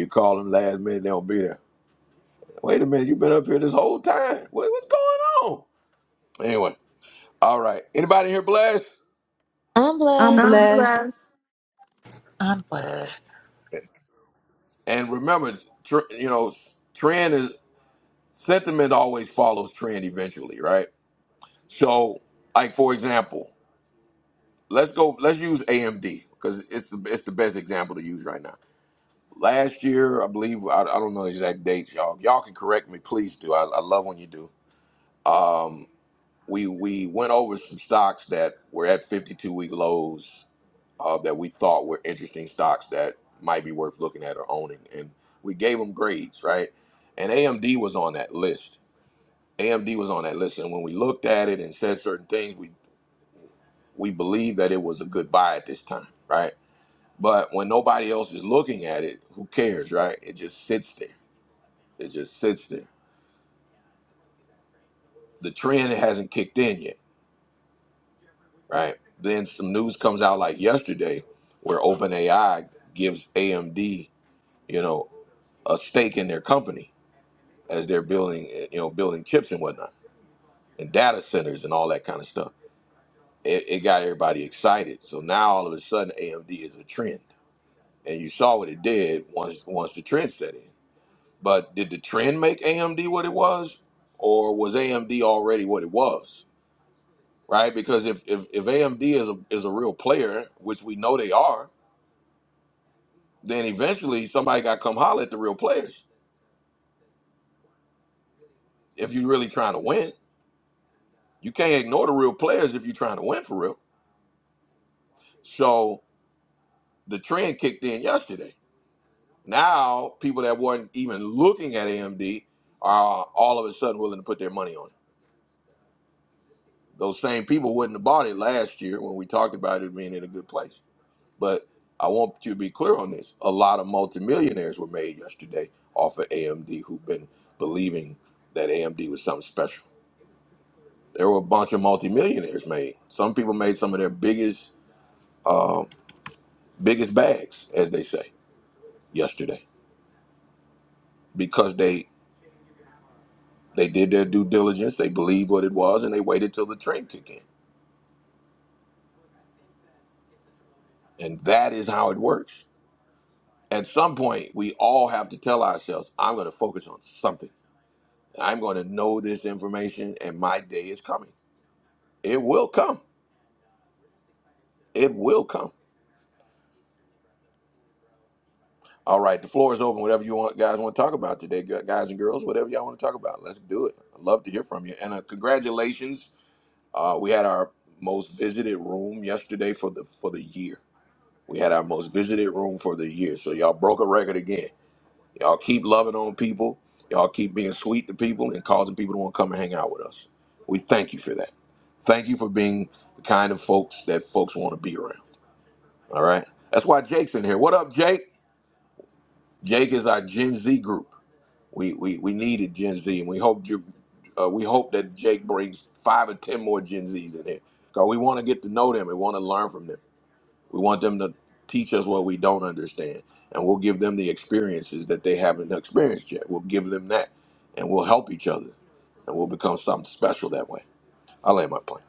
A: You call them last minute, they don't be there. Wait a minute, you've been up here this whole time. What, what's going on? Anyway. All right. Anybody here blessed?
D: i'm
C: I'm
D: blessed
H: I'm
C: blessed.
H: blessed.
K: I'm
A: All right.
K: blessed.
A: And remember, tr- you know, trend is sentiment always follows trend eventually, right? So, like for example, let's go. Let's use AMD because it's the it's the best example to use right now. Last year, I believe I, I don't know the exact dates, y'all. Y'all can correct me, please do. I, I love when you do. Um, we we went over some stocks that were at 52 week lows uh, that we thought were interesting stocks that might be worth looking at or owning. And we gave them grades, right? And AMD was on that list. AMD was on that list. And when we looked at it and said certain things, we, we believed that it was a good buy at this time, right? But when nobody else is looking at it, who cares, right? It just sits there. It just sits there. The trend hasn't kicked in yet, right? Then some news comes out like yesterday where OpenAI gives AMD, you know, a stake in their company as they're building, you know, building chips and whatnot, and data centers and all that kind of stuff. It, it got everybody excited. So now all of a sudden, AMD is a trend, and you saw what it did once once the trend set in. But did the trend make AMD what it was, or was AMD already what it was? Right? Because if if, if AMD is a is a real player, which we know they are, then eventually somebody got to come holler at the real players. If you're really trying to win, you can't ignore the real players if you're trying to win for real. So the trend kicked in yesterday. Now people that weren't even looking at AMD are all of a sudden willing to put their money on it. Those same people wouldn't have bought it last year when we talked about it being in a good place. But I want you to be clear on this. A lot of multimillionaires were made yesterday off of AMD who've been believing that AMD was something special. There were a bunch of multimillionaires made. Some people made some of their biggest uh, biggest bags, as they say, yesterday because they They did their due diligence, they believed what it was, and they waited till the train kicked in. And that is how it works. At some point, we all have to tell ourselves, I'm going to focus on something. I'm going to know this information, and my day is coming. It will come. It will come. All right, the floor is open. Whatever you want, guys want to talk about today, gu- guys and girls, whatever y'all want to talk about, let's do it. I'd love to hear from you. And uh, congratulations, uh, we had our most visited room yesterday for the for the year. We had our most visited room for the year. So y'all broke a record again. Y'all keep loving on people. Y'all keep being sweet to people and causing people to want to come and hang out with us. We thank you for that. Thank you for being the kind of folks that folks want to be around. All right. That's why Jake's in here. What up, Jake? Jake is our Gen Z group. We we, we needed Gen Z, and we hope you, uh, we hope that Jake brings five or ten more Gen Zs in here because we want to get to know them and want to learn from them. We want them to teach us what we don't understand, and we'll give them the experiences that they haven't experienced yet. We'll give them that, and we'll help each other, and we'll become something special that way. I land my plane.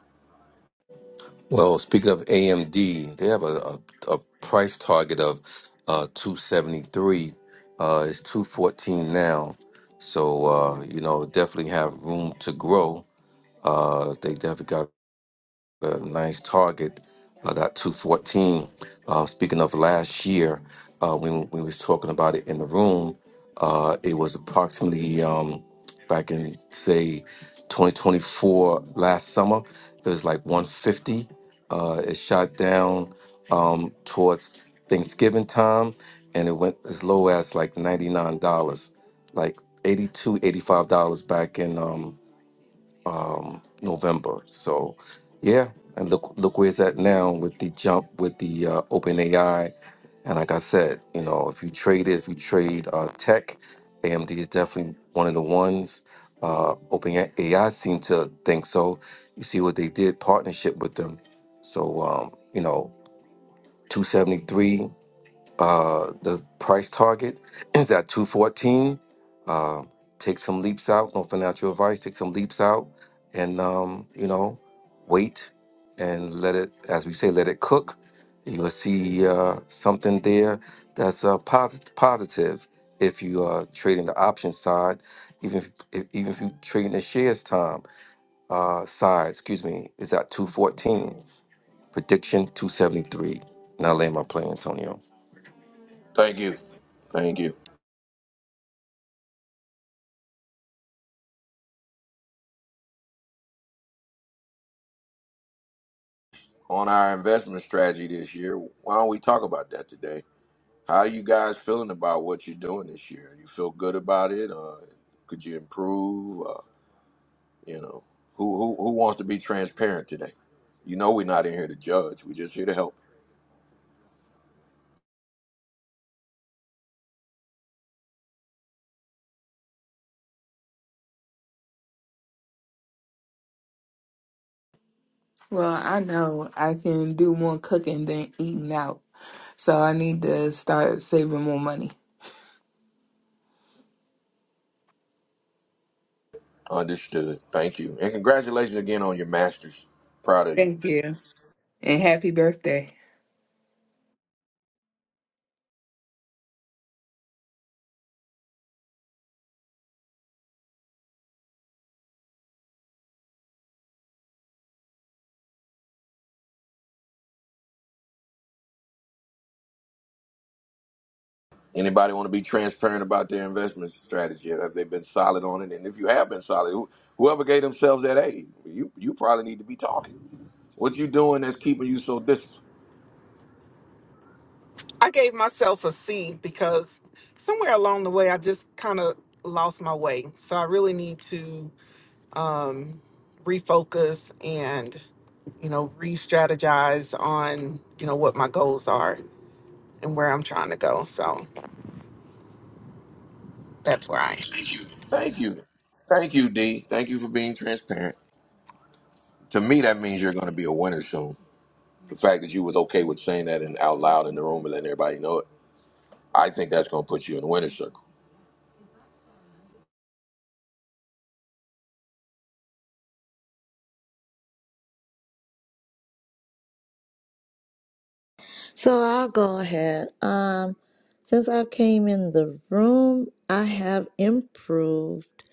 G: well, speaking of AMD, they have a, a, a price target of uh, 273. Uh, it's 214 now. So, uh, you know, definitely have room to grow. Uh, they definitely got a nice target. Uh, that 214. Uh, speaking of last year, uh, when we was talking about it in the room, uh, it was approximately um, back in say 2024 last summer. It was like 150. Uh, it shot down um, towards Thanksgiving time, and it went as low as like 99 dollars, like 82, 85 dollars back in. Um, um, November. So, yeah, and look look where it's at now with the jump with the uh, open AI. And like I said, you know, if you trade it, if you trade uh, tech, AMD is definitely one of the ones. Uh, open AI seem to think so. You see what they did partnership with them. So um, you know, two seventy three. Uh, the price target is at 214. Uh, take some leaps out. No financial advice. Take some leaps out, and um, you know, wait and let it, as we say, let it cook. You'll see uh, something there that's uh, posit- positive if you are trading the option side, even if, if, even if you trading the shares time uh, side. Excuse me, is at 214. Prediction 273. Now, lay my play, Antonio.
A: Thank you. Thank you. On our investment strategy this year, why don't we talk about that today? How are you guys feeling about what you're doing this year? You feel good about it? Uh, could you improve? Uh, you know, who, who who wants to be transparent today? You know, we're not in here to judge. We're just here to help.
H: Well, I know I can do more cooking than eating out. So I need to start saving more money.
A: Understood. Thank you. And congratulations again on your masters. Proud of you.
H: Thank you. And happy birthday.
A: Anybody want to be transparent about their investment strategy? Have they been solid on it? And if you have been solid, who- whoever gave themselves that A, you you probably need to be talking. What you doing that's keeping you so disciplined? Thank you. Thank you, D. Thank you for being transparent. To me, that means you're going to be a winner soon. The fact that you was okay with saying that and out loud in the room and letting everybody know it, I think that's going to put you in the winner's circle.
D: so i'll go ahead um since i came in the room i have improved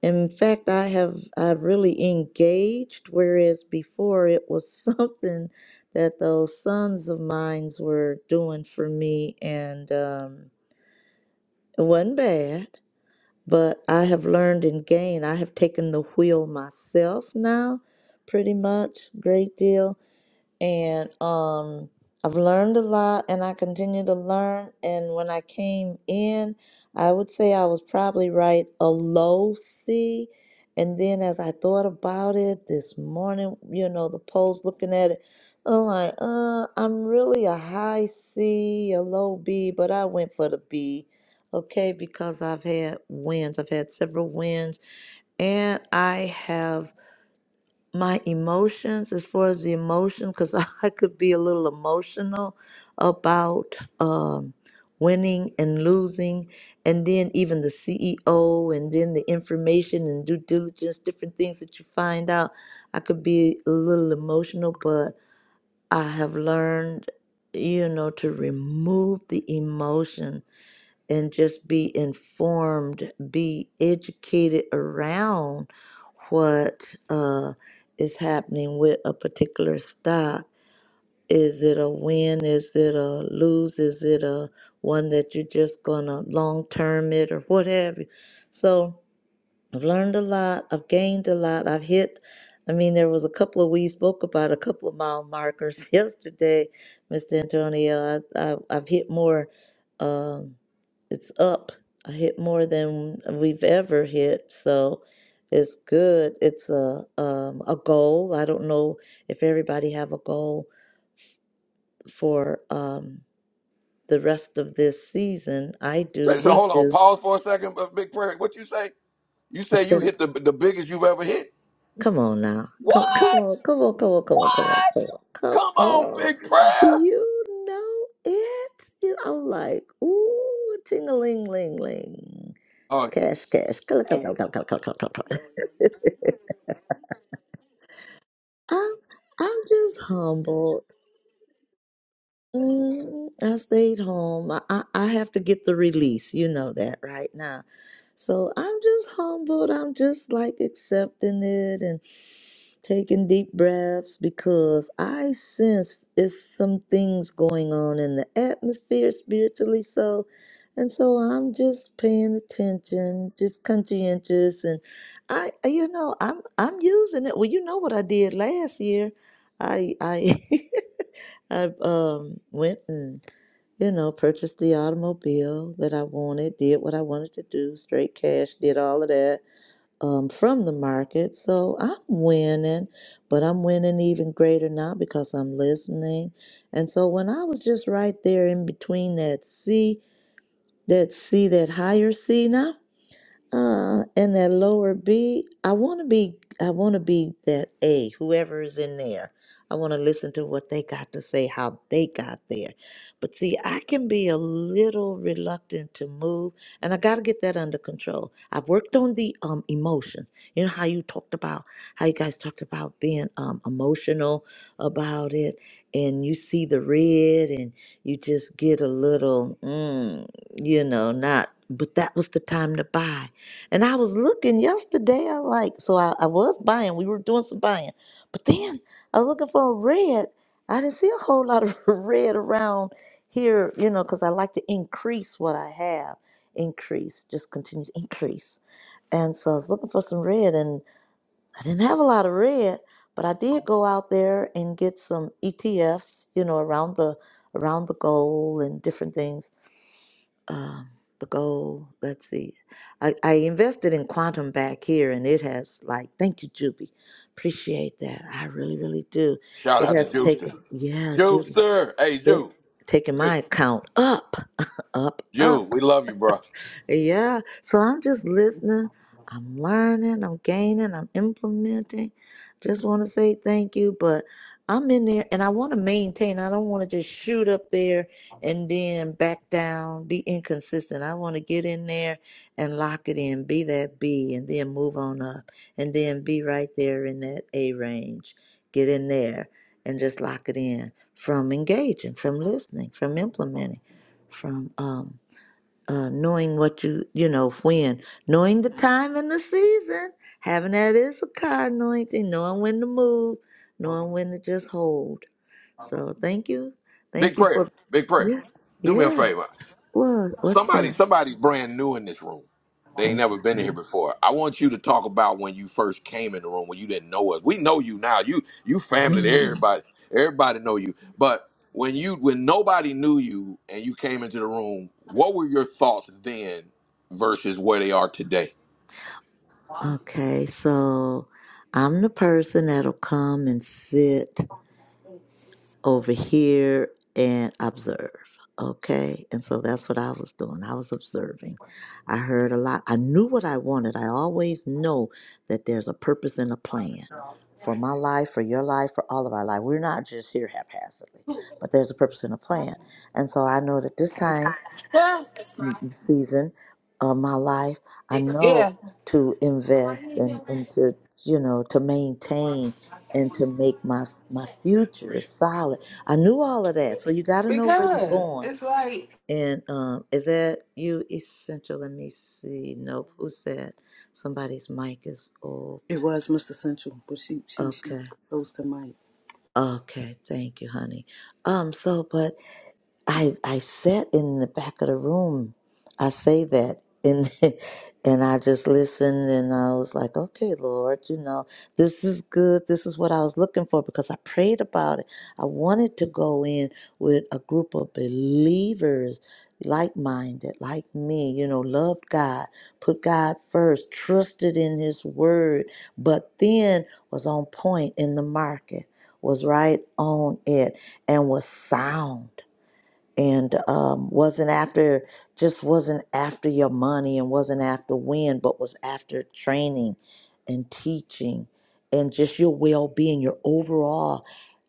D: In fact, I have I've really engaged, whereas before it was something that those sons of mine were doing for me, and um, it wasn't bad. But I have learned and gained. I have taken the wheel myself now, pretty much, great deal and um I've learned a lot and I continue to learn and when I came in I would say I was probably right a low C and then as I thought about it this morning you know the polls looking at it I'm like uh I'm really a high C a low B but I went for the B okay because I've had wins I've had several wins and I have my emotions as far as the emotion because i could be a little emotional about um, winning and losing and then even the ceo and then the information and due diligence different things that you find out i could be a little emotional but i have learned you know to remove the emotions and just be informed, be educated around what uh, is happening with a particular stock. Is it a win? Is it a lose? Is it a one that you're just gonna long term it or whatever? So I've learned a lot. I've gained a lot. I've hit, I mean, there was a couple of, we spoke about a couple of mile markers yesterday, Mr. Antonio. I, I, I've hit more, um, it's up. I hit more than we've ever hit. So it's good. It's a, um, a goal. I don't know if everybody have a goal for, um, the rest of this season. I
A: So,
D: do.
A: so
D: We
A: hold on,
D: do.
A: pause for a second, but Big Prayer. What you say? You
D: I
A: say you
D: said,
A: hit the the biggest you've ever hit.
D: Come on now.
A: What?
D: Come come on. Come on. Come on. Come on. Come on. Come
A: Come
D: on. Come
A: on,
D: on.
A: big prayer.
D: You know it. You I'm like, ooh, ting a ling ling ling.
A: Oh,
D: Cash, cash. Come, come, come, come, come, come, come, come, come. I'm I'm just humbled. Mm, I stayed home. I, I I have to get the release. You know that right now. So I'm just humbled. I'm just like accepting it taking deep breaths because I sense there's some things going on in the atmosphere spiritually. So, and so I'm just paying attention, just conscientious, and I, I- you know, I'm I'm using it. Well, you know what I did last year. I I I um went and you know purchased the automobile that I wanted, did what I wanted to do, straight cash, did all of that um, from the market. So I'm winning, but I'm winning even greater now because I'm listening. And so when I was just right there in between that C, that C, that higher C now. Uh, and that lower B, I want to be, I want to be that A, whoever is in there. I want to listen to what they got to say, how they got there. But see, I can be a little reluctant to move, and I got to get that under control. I've worked on the um emotions. You know how you talked about how you guys talked about being um emotional about it, and you see the red, and you just get a little, mm, you know, not. But that was the time to buy and I was looking yesterday, I like, so I, I was buying, we were doing some buying. But then I was looking for a red. I didn't see a whole lot of red around here, you know, because I like to increase what I have, increase, just continue to increase. And so I was looking for some red, and I didn't have a lot of red, but I did go out there and get some ETFs, you know, around the around the gold and different things um, the goal. Let's see. I, I invested in Quantum back here, and it has like, thank you, Juby. Appreciate that. I really, really do.
A: shout
D: It
A: out to
D: has taken,
A: Juicer.
D: yeah, Juby,
A: Juicer. Hey,
D: it
A: Jew.
D: taken
A: Jew.
D: my account up, up,
A: Jew,
D: up.
A: we love you, bro.
D: Yeah. So I'm just listening. I'm learning. I'm gaining. I'm implementing. Just want to say thank you. But I'm in there and I want to maintain. I don't want to just shoot up there and then back down, be inconsistent. I want to get in there and lock it in, be that B, and then move on up, and then be right there in that A range. Get in there and just lock it in from engaging, from listening, from implementing, from um, uh, knowing what you you know when knowing the time and the season having that issachar anointing knowing when to move knowing when to just hold so thank you
A: Big
D: thank you for
A: prayer. Big prayer.
D: yeah
A: Do me a
D: yeah
A: favor.
D: what what's
A: somebody
D: that
A: somebody's brand new in this room. They ain't never been here
D: okay
A: before. I want you to talk about when you first came in the room when you didn't know us. We know you now. You you family to
D: Hmm.
A: everybody. Everybody know you. But when you when nobody knew you and you came into the room, what were your thoughts then versus where they are today?
D: okay so i'm the person that'll come and sit over here and observe. Okay. And so that's what I was doing. I was observing. I heard a lot. I knew what I wanted. I always know that there's a purpose and a plan for my life, for your life, for all of our life. We're not just here haphazardly, but there's a purpose and a plan. And so I know that this time season of my life, I know
H: Yeah,
D: to invest and, and to, you know, to maintain and to make my my future solid. I knew all of that. So you gotta know where you're
H: because
D: going.
H: it's like
D: And um is that you essential? Let me see. Nope. Who said somebody's mic is open?
C: It was Miss Essential, but she she she
D: Okay.
C: closed the mic.
D: Okay, thank you, honey. Um, so but I I sat in the back of the room. I say that and and I just listened and I was like, okay, Lord, you know, this is good. This is what I was looking for because I prayed about it. I wanted to go in with a group of believers, like minded, like me, you know, loved God, put God first, trusted in his word, but then was on point in the market, was right on it and was sound and um, wasn't after just wasn't after your money and wasn't after win, but was after training and teaching and just your well being, your overall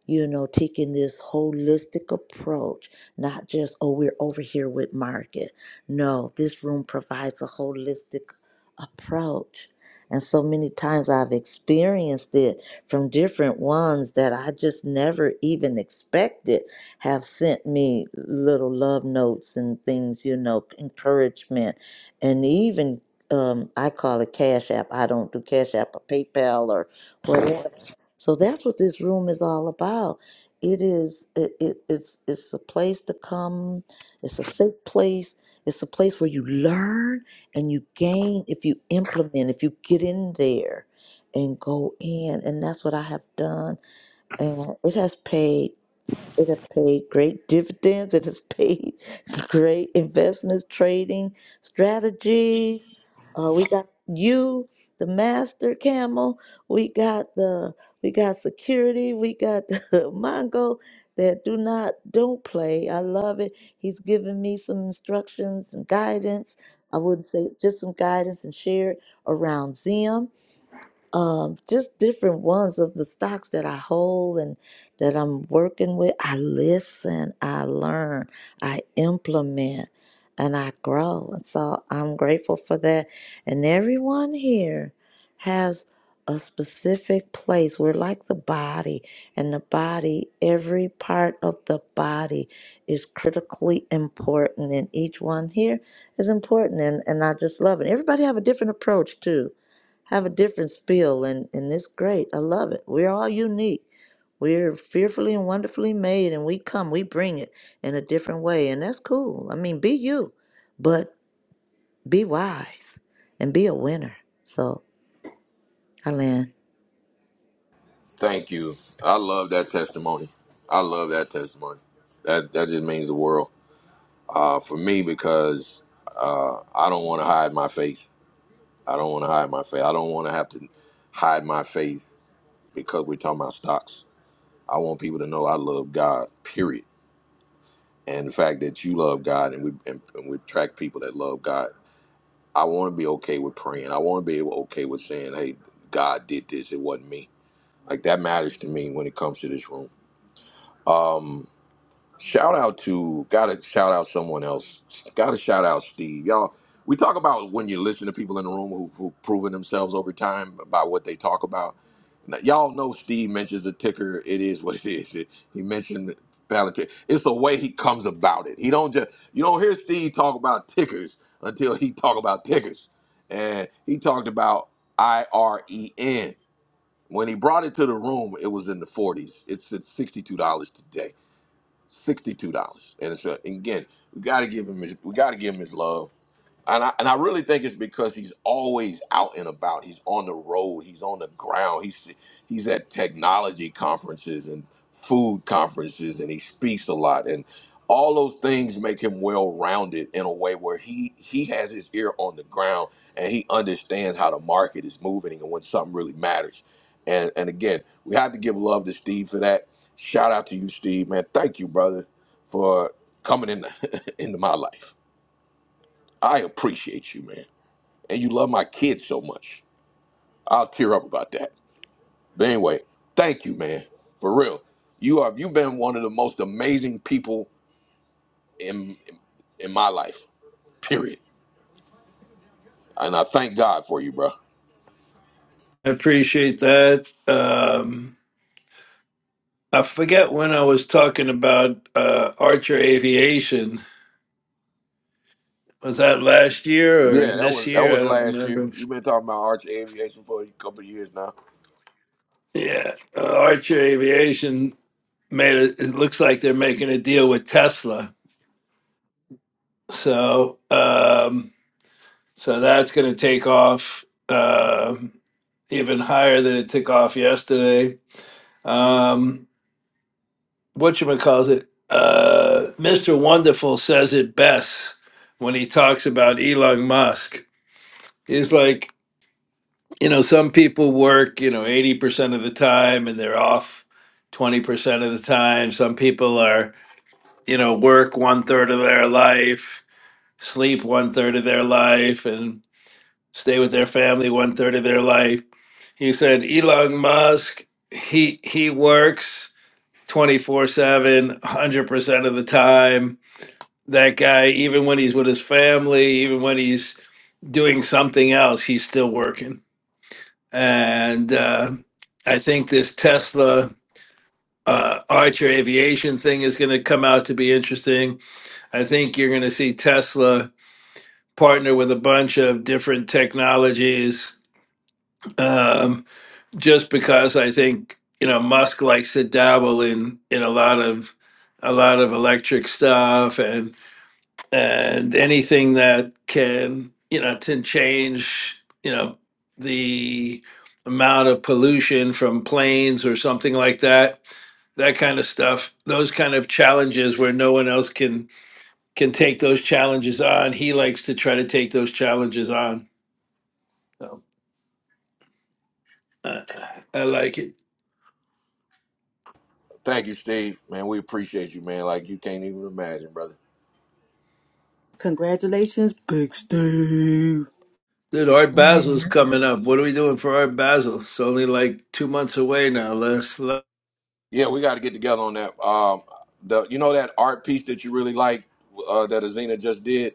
D: you know, taking this holistic approach, not just, oh, we're over here with market. No, this room provides a holistic approach. And so many times I've experienced it from different ones that I just never even expected have sent me little love notes and things, you know, encouragement. And even um, I call it Cash App. I don't do Cash App or PayPal or whatever so that's what this room is all about. It is it, it it's it's a place to come. It's a safe place. It's a place where you learn and you gain if you implement, if you get in there and go in. And that's what I have done. And it has paid it has paid great dividends. It has paid great investments, trading strategies. Uh, we got you, the master camel. We got the we got security. We got the Mongo that do not don't play. I love it. He's given me some instructions and guidance. I wouldn't say just some guidance and share it around Zim um, just different ones of the stocks that I hold and that I'm working with. I listen, I learn, I implement, and I grow. And so I'm grateful for that. And everyone here has a specific place. We're like the body, and the body, every part of the body is critically important, and each one here is important. And, and I just love it. Everybody have a different approach, too have a different spiel and and it's great i love it we're all unique we're fearfully and wonderfully made and we come we bring it in a different way and that's cool i mean be you but be wise and be a winner so i land
A: Thank you. I love that testimony. I love that testimony. That that just means the world uh, for me because uh, I don't want to hide my faith. I don't want to hide my faith. I don't want to have to hide my faith because we're talking about stocks. I want people to know I love God. Period. And the fact that you love God and we and, and we attract people that love God. I want to be okay with praying. I want to be able okay with saying, "Hey, God did this. It wasn't me." Like that matters to me when it comes to this room. Um, Shout out to gotta shout out someone else. Gotta shout out Steve. Y'all, we talk about when you listen to people in the room who who proven themselves over time by what they talk about. Now, y'all know Steve mentions the ticker. It is what it is. It- he mentioned Palantir. It's the way he comes about it. He don't just you don't hear Steve talk about tickers until he talk about tickers, and he talked about I R E N. When he brought it to the room, it was in the 40s. It's at $62 today sixty-two dollars. And it's a, and again, we gotta give him his, we gotta give him his love. And I, and I really think it's because he's always out and about. He's on the road. He's on the ground. He's he's at technology conferences and food conferences, and he speaks a lot. And all those things make him well rounded in a way where he he has his ear on the ground and he understands how the market is moving and when something really matters. And and again, we have to give love to Steve for that. Shout out to you, Steve, man. Thank you, brother, for coming in into my life. I appreciate you, man and you love my kids so much. I'll tear up about that. But anyway, thank you, man. For real. You have you've been one of the most amazing people in in my life. Period. And I thank God for you, bro.
L: I appreciate that. Um, I forget when I was talking about uh, Archer Aviation. Was that last year or
A: Yeah, that
L: this
A: was that
L: year? I
A: was
L: don't
A: last year.
L: remember.
A: You've been talking about Arch Aviation for a couple of years now.
L: Yeah, uh, Archer Aviation made it. It looks like they're making a deal with Tesla, so um, so that's going to take off um even higher than it took off yesterday. Um, whatchamacallit, uh, Mr. Wonderful says it best when he talks about Elon Musk. He's like, you know, some people work, you know, 80% of the time and they're off 20% of the time. Some people are, you know, work one third of their life, sleep one third of their life, and stay with their family one third of their life. He said, Elon Musk, he he works 24 7, one hundred percent of the time That guy, even when he's with his family, even when he's doing something else, he's still working. And uh, I think this Tesla uh, Archer Aviation thing is going to come out to be interesting. I think you're going to see Tesla partner with a bunch of different technologies um, just because I think you know Musk likes to dabble in in a lot of a lot of electric stuff and. and anything that can you know to change you know the amount of pollution from planes or something like that that kind of stuff those kind of challenges where no one else can can take those challenges on he likes to try to take those challenges on so uh, i like it
A: Thank you, Steve. Man, we appreciate you, man. Like you can't even imagine, brother.
C: Congratulations, Big Steve.
L: dude art basil's coming up what are we doing for art Basel? it's only like two months away now les
A: Yeah, we got to get together on that. Um, the you know that art piece that you really like uh, that Azina just did.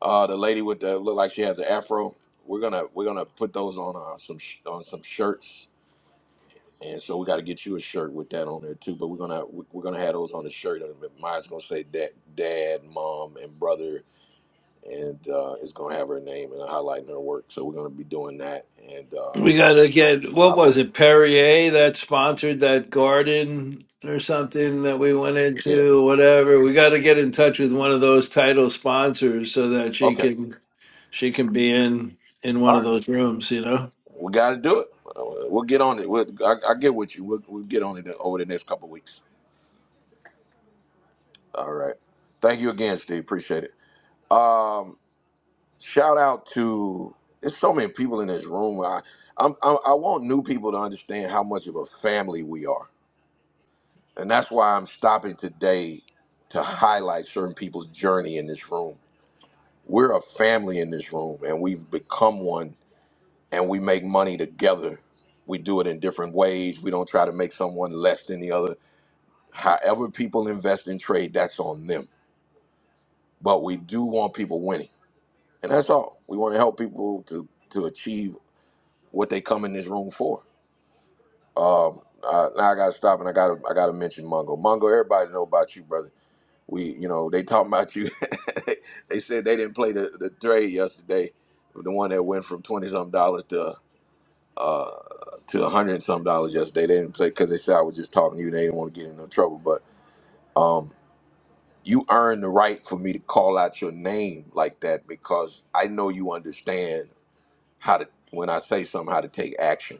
A: Uh, the lady with the look like she has an afro. We're gonna we're gonna put those on uh, some sh- on some shirts, and so we got to get you a shirt with that on there too. But we're gonna we- we're gonna have those on the shirt. And mine's gonna say dad, dad, mom, and brother, and uh, it's gonna have her name and highlighting her work. So we're gonna be doing that. And uh,
L: We got to get, what
A: I bo-
L: was it, Perrier that sponsored that garden or something that we went
A: yeah,
L: into, whatever. We got to get in touch with one of those title sponsors so that she
A: okay,
L: can she can be in in
A: all
L: one of those rooms, you know?
A: right, we got to do it. Uh, We'll get on it. We'll, I, I get with you. We'll, we'll get on it over the next couple of weeks. All right. Thank you again, Steve. Appreciate it. Um, shout out to there's so many people in this room. I I'm, I I want new people to understand how much of a family we are, and that's why I'm stopping today to highlight certain people's journey in this room. We're a family in this room, and we've become one, and we make money together. We do it in different ways. We don't try to make someone less than the other. However, people invest in trade, that's on them. But we do want people winning, and that's all. We want to help people to to achieve what they come in this room for. Um, I, now I gotta stop and I gotta I gotta mention Mungo. Mungo, everybody know about you, brother. We, you know, they talking about you. they said they didn't play the, the trade yesterday, the one that went from twenty some dollars to uh to a hundred and some dollars yesterday. They didn't play because they said I was just talking to you. They didn't want to get in no trouble, but um, you earned the right for me to call out your name like that because I know you understand how to when I say something how to take action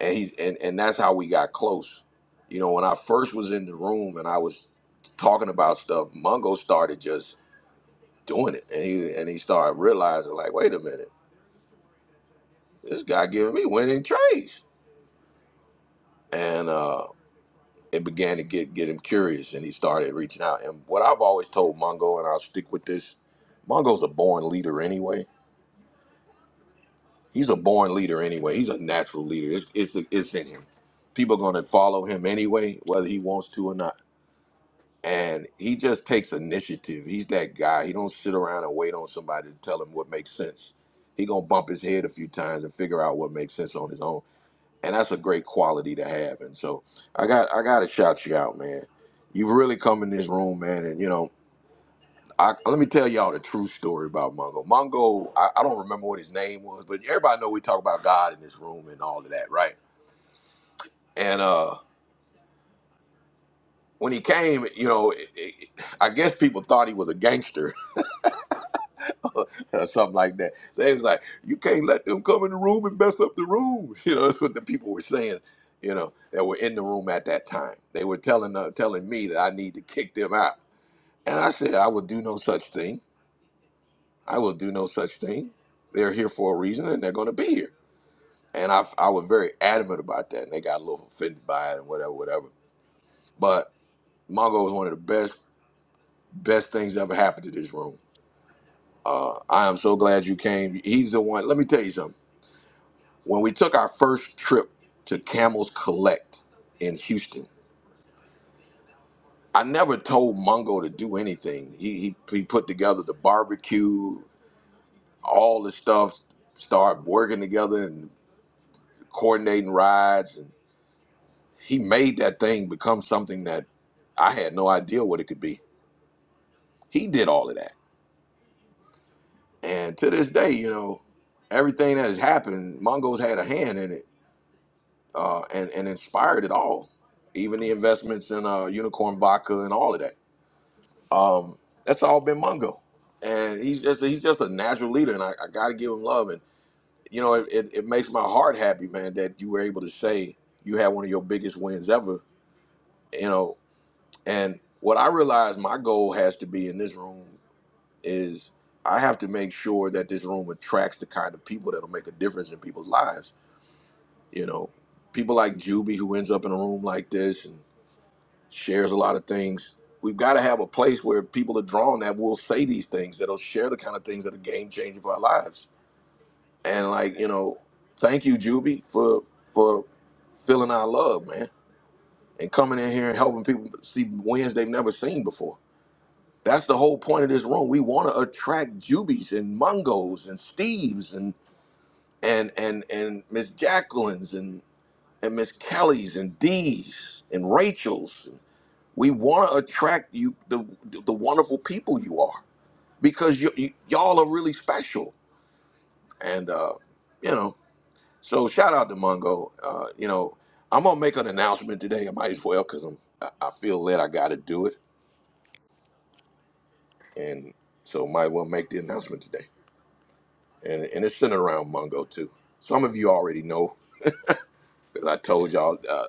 A: and he's and and that's how we got close. You know, when I first was in the room and I was talking about stuff, Mungo started just doing it, and he and he started realizing like, wait a minute, this guy giving me winning trades, and uh, it began to get get him curious, and he started reaching out. And what I've always told Mungo, and I'll stick with this, Mungo's a born leader anyway. He's a born leader anyway. He's a natural leader. It's it's, it's in him. People are gonna follow him anyway, whether he wants to or not and he just takes initiative. He's that guy. He don't sit around and wait on somebody to tell him what makes sense. He gonna bump his head a few times and figure out what makes sense on his own. And that's a great quality to have. And so I got I gotta shout you out, man. You've really come in this room, man. And you know, I, let me tell y'all the true story about Mongo. Mongo, I, I don't remember what his name was, but everybody know we talk about God in this room and all of that, right? And uh when he came, you know, it, it, I guess people thought he was a gangster or something like that. So they was like, you can't let them come in the room and mess up the room. You know, that's what the people were saying. You know, that were in the room at that time. They were telling uh, telling me that I need to kick them out, and I said I will do no such thing. I will do no such thing. They're here for a reason, and they're going to be here. And I I was very adamant about that, and they got a little offended by it and whatever, whatever. But Mongo was one of the best best things that ever happened to this room. Uh, I am so glad you came. He's the one. Let me tell you something. when we took our first trip to Camels Collect in Houston, I never told Mungo to do anything. He, he, he put together the barbecue, all the stuff, started working together and coordinating rides. And he made that thing become something that I had no idea what it could be. He did all of that. And to this day, you know, everything that has happened, Mongo's had a hand in it uh, and, and inspired it all, even the investments in uh, Unicorn Vodka and all of that Um, that's all been Mungo, and he's just he's just a natural leader, and I, I got to give him love. And you know, it, it, it makes my heart happy, man, that you were able to say you had one of your biggest wins ever. You know, and what I realize my goal has to be in this room is I have to make sure that this room attracts the kind of people that'll make a difference in people's lives. You know, people like Juby who ends up in a room like this, and shares a lot of things. We've got to have a place where people are drawn that will say these things, that'll share the kind of things that are game changing for our lives. And like, you know, thank you, Juby, for for filling our love, man, and coming in here and helping people see wins they've never seen before. That's the whole point of this room. We want to attract Jubies and Mungos and Steves and and and and Miss Jacquelines and and Miss Kellys and D's and Rachels We want to attract you the the wonderful people you are because you, you y'all are really special. And uh, you know, so shout out to Mungo. Uh, you know, I'm gonna make an announcement today. I might as well because I'm I, I feel that I got to do it, and so might as well make the announcement today. And and it's centered around Mungo too. Some of you already know because I told y'all. Uh,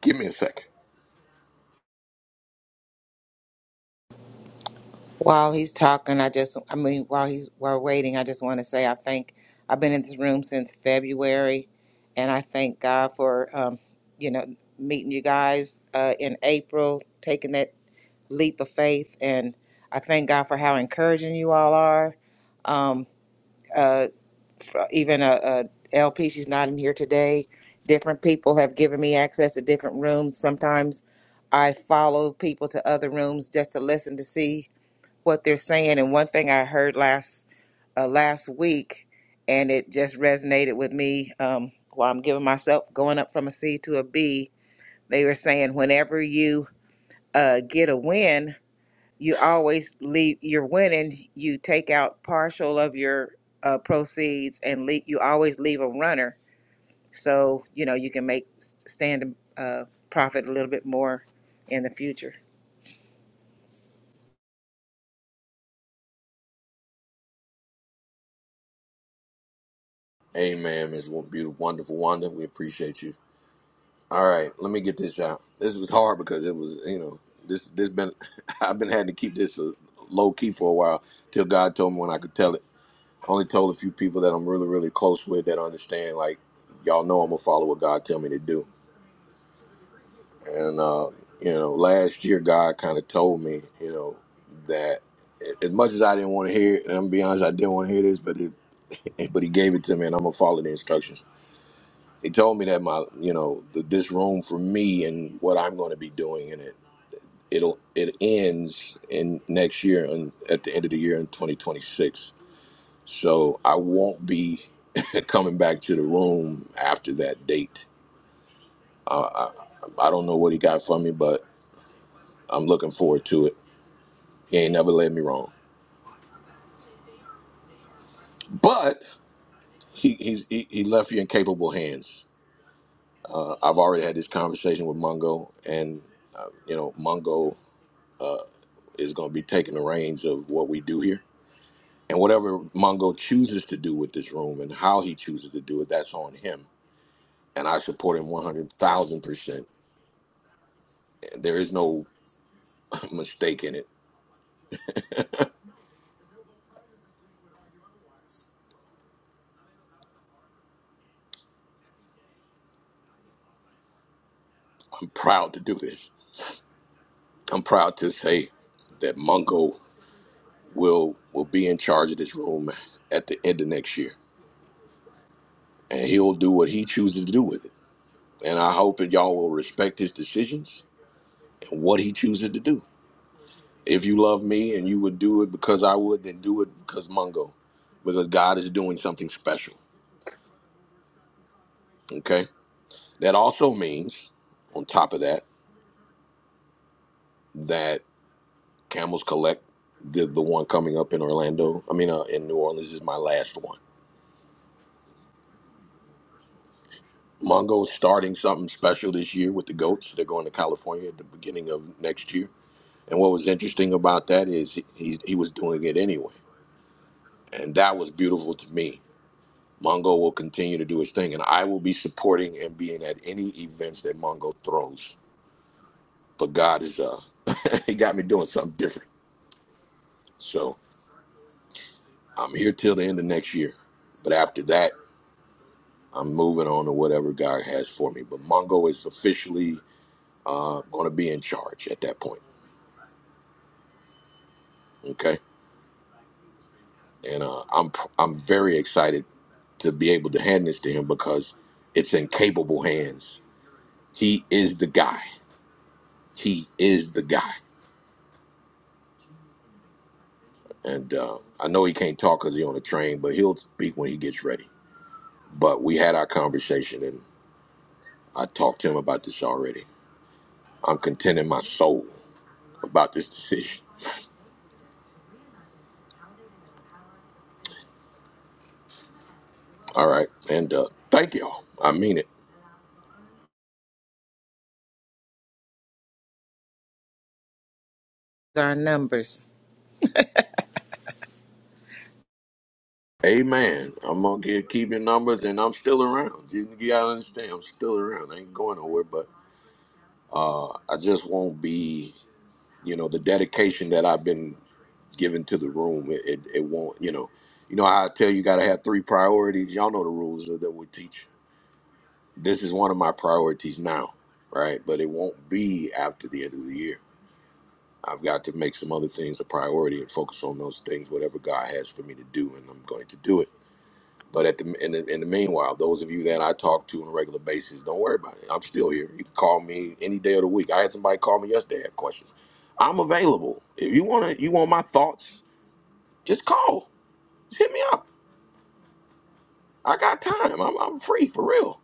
A: give me a second.
F: While he's talking, I just, I mean, while he's while waiting, I just want to say I thank. I've been in this room since February, and I thank God for, um, you know, meeting you guys uh, in April, taking that leap of faith, and I thank God for how encouraging you all are. Um, uh, for even a, a LP, she's not in here today. Different people have given me access to different rooms. Sometimes I follow people to other rooms just to listen to see what they're saying. And one thing I heard last uh, last week, and it just resonated with me. Um, while I'm giving myself going up from a C to a B, they were saying whenever you uh, get a win, you always leave. You're winning. You take out partial of your uh, proceeds, and leave, you always leave a runner, so you know you can make stand uh, profit a little bit more in the future.
A: Amen, Ms. Beautiful, wonderful, wonder. We appreciate you. All right, let me get this out. This was hard because it was, you know, this this been I've been having to keep this uh, low key for a while till God told me when I could tell it. Only told a few people that I'm really really close with that understand. Like y'all know I'm gonna follow what God tell me to do. And uh, you know, last year God kind of told me, you know, that a- as much as I didn't want to hear it, and I'm gonna be honest, I didn't want to hear this, but it, it- but He gave it to me, and I'm gonna follow the instructions he told me that my you know the, this room for me and what i'm going to be doing in it it'll it ends in next year and at the end of the year in 2026 so i won't be coming back to the room after that date uh, I, I don't know what he got from me but i'm looking forward to it he ain't never led me wrong but he he's, he, he left you in capable hands uh, i've already had this conversation with mungo and uh, you know mungo uh, is going to be taking the reins of what we do here And whatever Mongo chooses to do with this room and how he chooses to do it, that's on him. And I support him 100,000%. There is no mistake in it. I'm proud to do this. I'm proud to say that Mongo will will be in charge of this room at the end of next year. And he'll do what he chooses to do with it. And I hope that y'all will respect his decisions and what he chooses to do. If you love me and you would do it because I would, then do it because Mongo, because God is doing something special. Okay? That also means, on top of that, that Camels Collect, the, the one coming up in Orlando, I mean, uh, in New Orleans, is my last one. Mongo's starting something special this year with the goats. They're going to California at the beginning of next year. And what was interesting about that is he, he was doing it anyway. And that was beautiful to me. Mongo will continue to do his thing, and I will be supporting and being at any events that Mongo throws. But God is, uh, he got me doing something different. so. I'm here till the end of next year. But after that, I'm moving on to whatever God has for me. But Mongo is officially uh, going to be in charge at that point. Okay, and uh, I'm I'm very excited to be able to hand this to him because it's in capable hands. He is the guy. He is the guy. And uh, I know he can't talk because he's on a train, but he'll speak when he gets ready. But we had our conversation, and I talked to him about this already. I'm content in my soul about this decision. All right. And uh, thank y'all. I mean it.
F: Our numbers.
A: Amen. I'm gonna keep your numbers, and I'm still around. You, you gotta understand, I'm still around. I ain't going nowhere, but I just won't be. You know, the dedication that I've been given to the room, it, it, it won't. You know, you know how I tell you, you gotta have three priorities. Y'all know the rules that, that we teach. This is one of my priorities now, right? But it won't be after the end of the year. I've got to make some other things a priority and focus on those things, whatever God has for me to do, and I'm going to do it But at the in, the in the meanwhile, those of you that I talk to on a regular basis, don't worry about it. I'm still here. You can call me any day of the week. I had somebody call me yesterday. Had questions. I'm available. If you want to, you want my thoughts. Just call. Just hit me up. I got time. I'm, I'm free for real.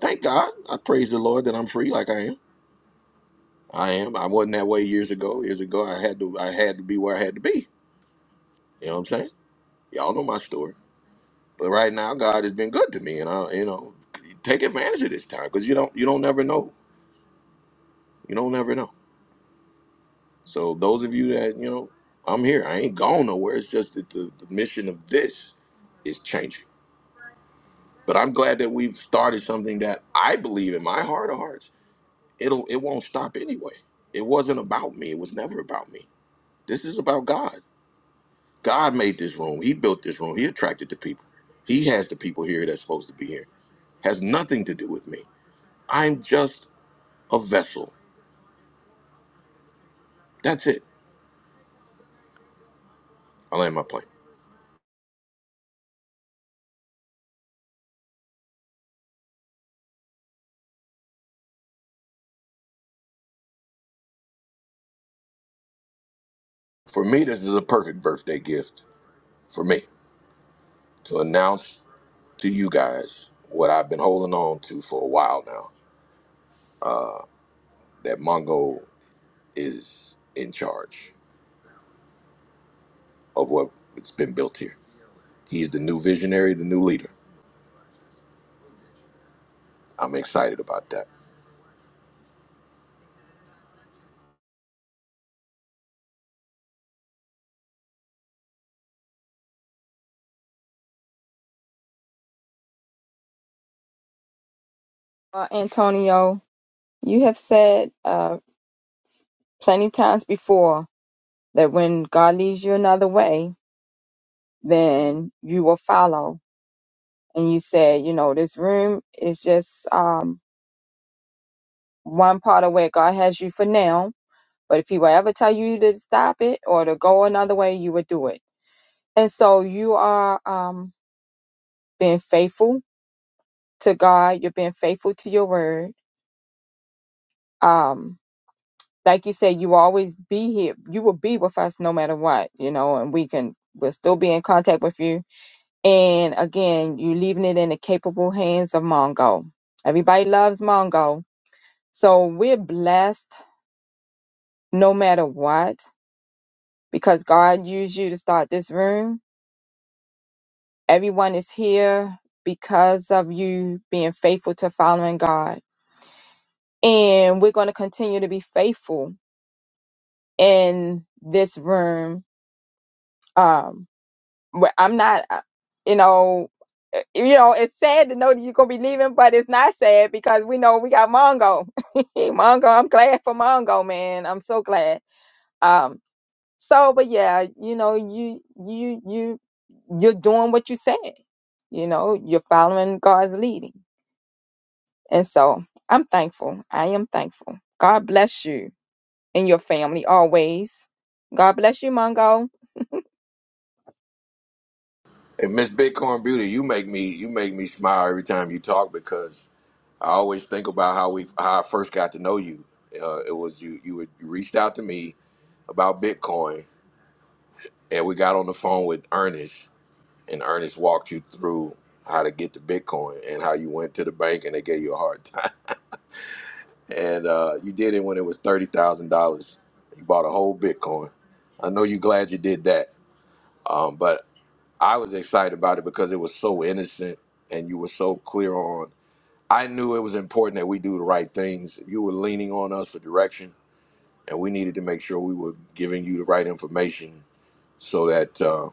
A: Thank God. I praise the Lord that I'm free, like I am. I am. I wasn't that way years ago. Years ago, I had to. I had to be where I had to be. You know what I'm saying? Y'all know my story. But right now, God has been good to me, and I, you know, take advantage of this time because you don't. You don't never know You don't never know. So those of you that you know, I'm here. I ain't gone nowhere. It's just that the, the mission of this is changing. But I'm glad that we've started something that I believe in my heart of hearts. It'll it won't stop anyway. It wasn't about me. It was never about me. This is about God. God made this room. He built this room. He attracted the people. He has the people here that's supposed to be here. Has nothing to do with me. I'm just a vessel. That's it. I land my plane. For me, this is a perfect birthday gift for me. to announce to you guys what I've been holding on to for a while now that Mongo is in charge of what's been built here. He's the new visionary, the new leader. I'm excited about that.
B: uh, Antonio. You have said uh, plenty times before that when God leads you another way, then you will follow. And you said, you know, this room is just um, one part of where God has you for now. But if He will ever tell you to stop it or to go another way, you would do it. And so you are um, being faithful to God. You're being faithful to your word. Um, like you said, you will always be here. You will be with us no matter what, you know, and we can, we'll still be in contact with you And again, you're leaving it in the capable hands of Mongo. Everybody loves Mongo. So we're blessed no matter what because God used you to start this room. Everyone is here because of you being faithful to following God. And we're going to continue to be faithful in this room. Um, But I'm not, uh, you know, uh, you know, it's sad to know that you're gonna be leaving, but it's not sad because we know we got Mongo. Mongo, I'm glad for Mongo, man. I'm so glad. Um, so, but yeah, you know, you you you you're doing what you said. You know, you're following God's leading, and so I'm thankful. I am thankful. God bless you and your family always. God bless you, Mongo.
A: And Miss Bitcoin Beauty, you make me you make me smile every time you talk because I always think about how we how I first got to know you. Uh, it was you you, would, you reached out to me about Bitcoin and we got on the phone with Ernest and Ernest walked you through how to get to Bitcoin and how you went to the bank and they gave you a hard time. And uh, you did it when it was thirty thousand dollars. You bought a whole Bitcoin. I know you're glad you did that, um, but I was excited about it because it was so innocent and you were so clear on. I knew it was important that we do the right things. You were leaning on us for direction, and we needed to make sure we were giving you the right information so that uh,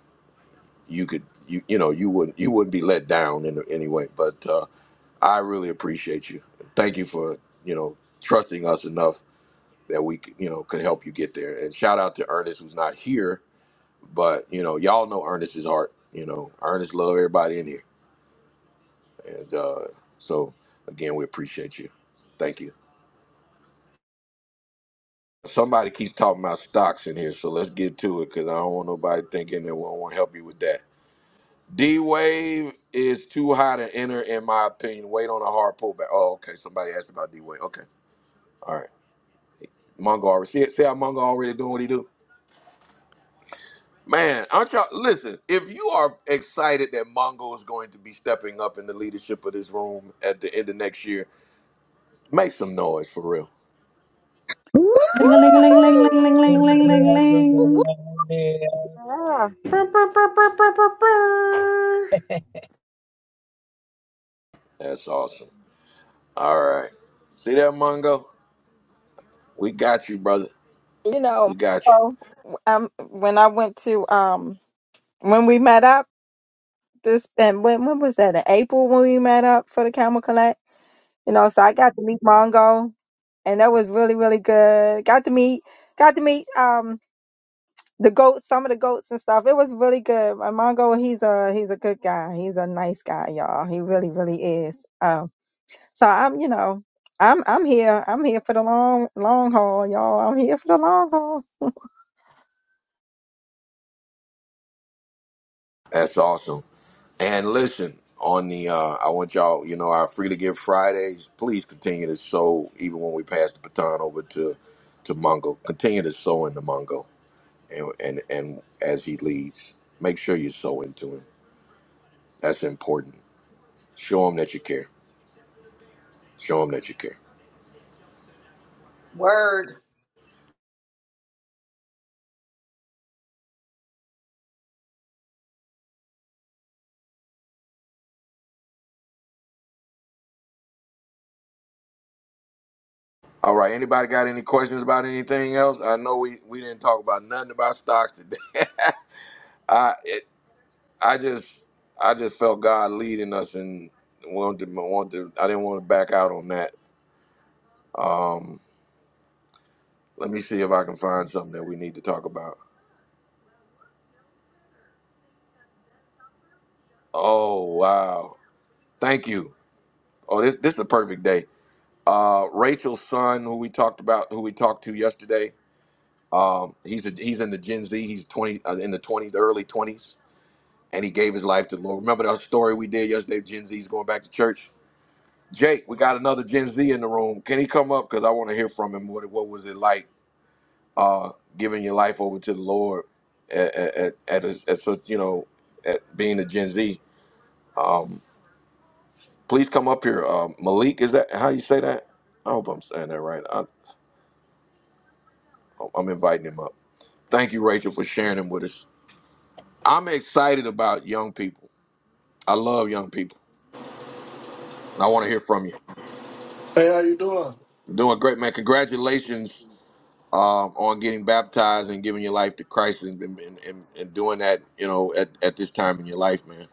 A: you could you you know you wouldn't you wouldn't be let down in any way. But uh, I really appreciate you. Thank you for you know trusting us enough that we could, you know could help you get there. And shout out to Ernest who's not here, but you know y'all know Ernest's heart. You know Ernest love everybody in here, and uh, so again we appreciate you. Thank you. Somebody keeps talking about stocks in here, so let's get to it because I don't want nobody thinking that we don't want to help you with that. D Wave is too high to enter, in my opinion. Wait on a hard pullback. Oh, okay. Somebody asked about D Wave. Okay. All right. Mongo already see, see how Mongo already doing what he do. Man, aren't y'all listen, if you are excited that Mongo is going to be stepping up in the leadership of this room at the end of next year, make some noise for real.
D: Woohoo!
C: Ling a ling a ling ling ling ling ling ling ling ling.
M: Yes.
B: Yeah.
N: Ba, ba, ba, ba, ba, ba, ba.
A: That's awesome. All right. See that Mongo? We got you, brother.
B: You know,
A: We got you.
B: so um, when I went to um, when we met up this, and when when was that? In April when we met up for the Camel Collect. You know, so I got to meet Mongo, and that was really really good. Got to meet, got to meet. Um, the goats, some of the goats and stuff. It was really good. My Mongo, he's a he's a good guy. He's a nice guy, y'all. He really, really is. Um, so I'm, you know, I'm I'm here. I'm here for the long long haul, y'all. I'm here for the long haul.
A: That's awesome. And listen, on the uh I want y'all, you know, our freely give Fridays, please continue to sow even when we pass the baton over to to Mongo. Continue to sow in the Mongo. and and and as he leads, make sure you sow into him. That's important. Show him that you care. Show him that you care.
F: Word.
A: All right. Anybody got any questions about anything else? I know we we didn't talk about nothing about stocks today. I it, I just I just felt God leading us and wanted to, want to I didn't want to back out on that. Let me see if I can find something that we need to talk about. Oh wow! Thank you. Oh, this this is a perfect day. Uh, Rachel's son, who we talked about, who we talked to yesterday. Um, he's a, he's in the Gen Z. He's twenty uh, in the twenties, the early twenties, and he gave his life to the Lord. Remember that story we did yesterday? Gen Z's going back to church. Jake, we got another Gen Z in the room. Can he come up? Because I want to hear from him. What what was it like uh, giving your life over to the Lord at at, at, a, at such you know at being a Gen Z? Please come up here. Um, Malik, is that how you say that? I hope I'm saying that right. I, I'm inviting him up. Thank you, Rachel, for sharing him with us. I'm excited about young people. I love young people, and I want to hear from you.
O: Hey, how you doing?
A: You're Doing great, man. Congratulations um, on getting baptized and giving your life to Christ and, and, and, and doing that, you know, at, at this time in your life, man.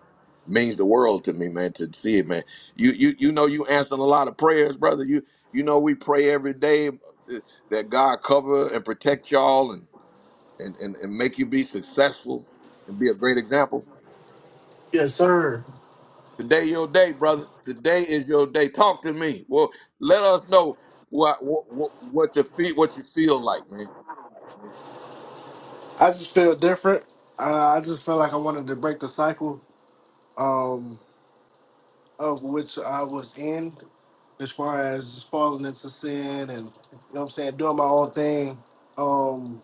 A: Means the world to me, man, to see it, man. You you you know you answering a lot of prayers, brother. You you know we pray every day uh, that God cover and protect y'all and and, and, and make you be successful and be a great example.
O: Yes, sir.
A: Today your day, brother. Today is your day. Talk to me. Well, let us know what what what, what you feel what you feel like, man.
O: I just feel different. Uh, I just felt like I wanted to break the cycle um, of which I was in, as far as just falling into sin and you know what I'm saying, doing my own thing. Um,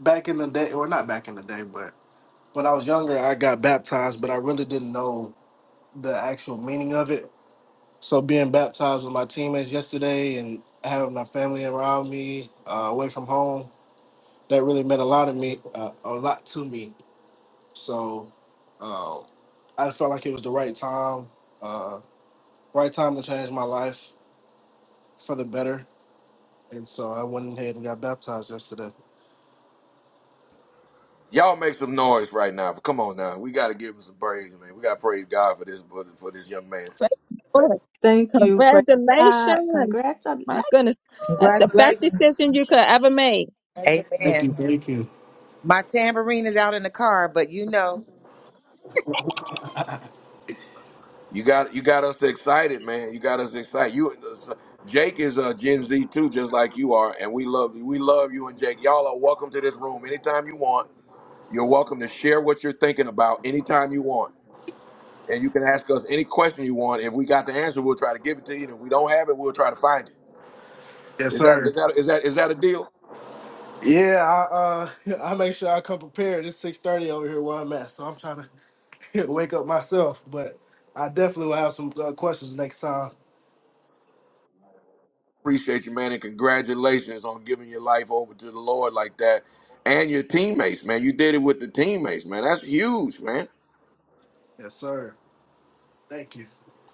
O: back in the day, or not back in the day, but when I was younger, I got baptized, but I really didn't know the actual meaning of it. So being baptized with my teammates yesterday and having my family around me, uh, away from home, that really meant a lot of me, uh, a lot to me. So um, I felt like it was the right time, uh, right time to change my life for the better. And so I went ahead and got baptized yesterday.
A: Y'all make some noise right now. Come on now. We gotta give him some praise, man. We gotta praise God for this for, for this young man.
B: Good.
C: Thank you. Praise God.
B: Congratulations.
C: Congratulations.
B: My goodness. That's the best
F: Congratulations.
B: decision you could ever make.
O: Thank
F: Amen.
O: you, thank you.
F: My tambourine is out in the car, but you know,
A: You got you got us excited, man. You got us excited. You Jake is a Gen Z too, just like you are, and we love you. We love you and Jake. Y'all are welcome to this room anytime you want. You're welcome to share what you're thinking about anytime you want. and you can ask us any question you want. If we got the answer, we'll try to give it to you. And if we don't have it, we'll try to find it.
O: Yes,
A: Is that
O: sir.
A: is that is that is that a deal?
O: Yeah, I uh, I make sure I come prepared. It's six thirty over here where I'm at, so I'm trying to wake up myself. But I definitely will have some uh, questions next time.
A: Appreciate you, man, and congratulations on giving your life over to the Lord like that. And your teammates, man. You did it with the teammates, man. That's huge, man.
O: Yes, sir. Thank you.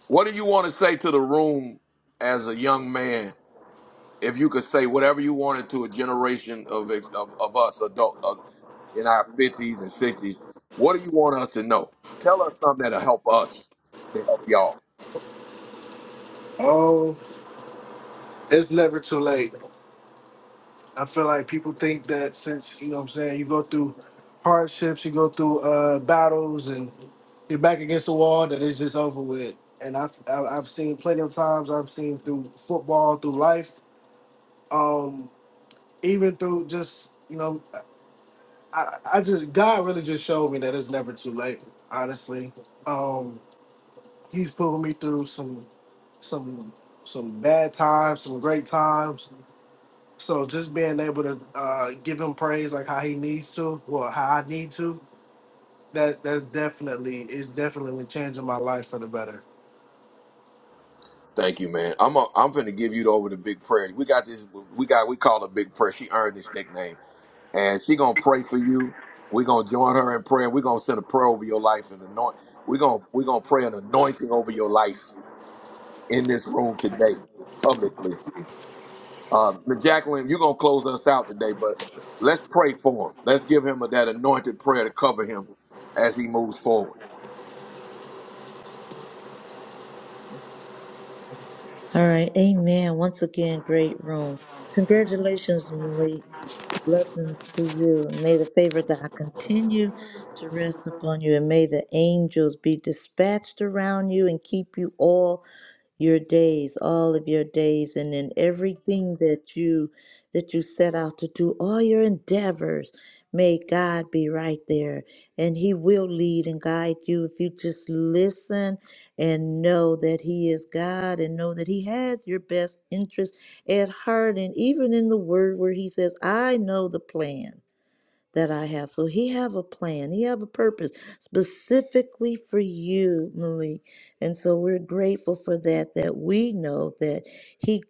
A: What do you want to say to the room as a young man? If you could say whatever you wanted to a generation of ex- of, of us adult of, in our fifties and sixties, what do you want us to know? Tell us something that'll help us to help y'all.
O: Oh, it's never too late. I feel like people think that since you know what I'm saying, you go through hardships, you go through uh, battles, and you're back against the wall, that it's just over with. And I've I've I've seen plenty of times. I've seen through football, through life, um, even through just you know, I I just God really just showed me that it's never too late. Honestly, um, He's pulling me through some some some bad times, some great times So just being able to uh, give him praise like how he needs to, or how I need to, that that's definitely is definitely changing my life for the better.
A: Thank you, man. I'm a, I'm finna give you over the big prayer. We got this. We got we call her big prayer. She earned this nickname, and she gonna pray for you. We gonna join her in prayer. We gonna send a prayer over your life and anoint. We gonna we gonna pray an anointing over your life in this room today, publicly. Um, Ms. Jacqueline, you are gonna close us out today, but let's pray for him. Let's give him that anointed prayer to cover him as he moves forward.
D: all right amen once again great room congratulations malik Blessings to you. and May the favor of God continue to rest upon you, and may the angels be dispatched around you and keep you all your days, all of your days, and in everything that you that you set out to do, all your endeavors. May God be right there, and He will lead and guide you if you just listen and know that He is God and know that He has your best interest at heart, and even in the Word where He says, "I know the plans." that I have. So he have a plan. He have a purpose specifically for you, Malik. And so we're grateful for that, that we know that he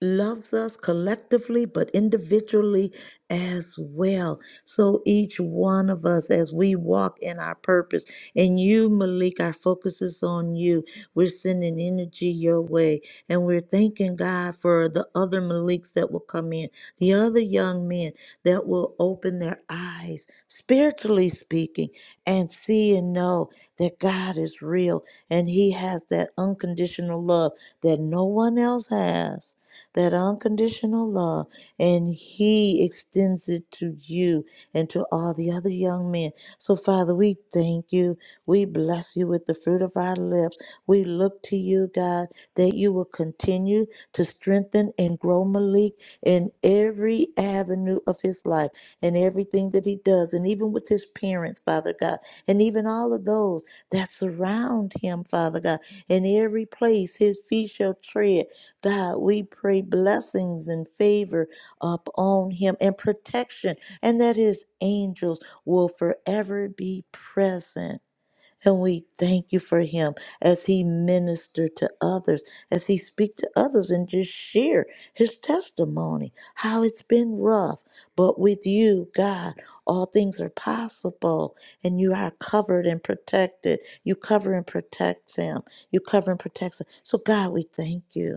D: loves us collectively, but individually as well. So each one of us, as we walk in our purpose, and you, Malik, our focus is on you. We're sending energy your way, and we're thanking God for the other Maliks that will come in, the other young men that will open their eyes, spiritually speaking, and see and know that God is real and He has that unconditional love that no one else has. That unconditional love, and He extends it to you and to all the other young men. So, Father, we thank you. We bless you with the fruit of our lips. We look to you, God, that you will continue to strengthen and grow Malik in every avenue of his life and everything that he does, and even with his parents, Father God, and even all of those that surround him, Father God, in every place his feet shall tread. God, we pray blessings and favor upon him and protection, and that his angels will forever be present and we thank you for him as he ministered to others, as he speak to others and just share his testimony, how it's been rough. But with you, God, all things are possible and you are covered and protected. You cover and protect him. You cover and protect him. So God, we thank you.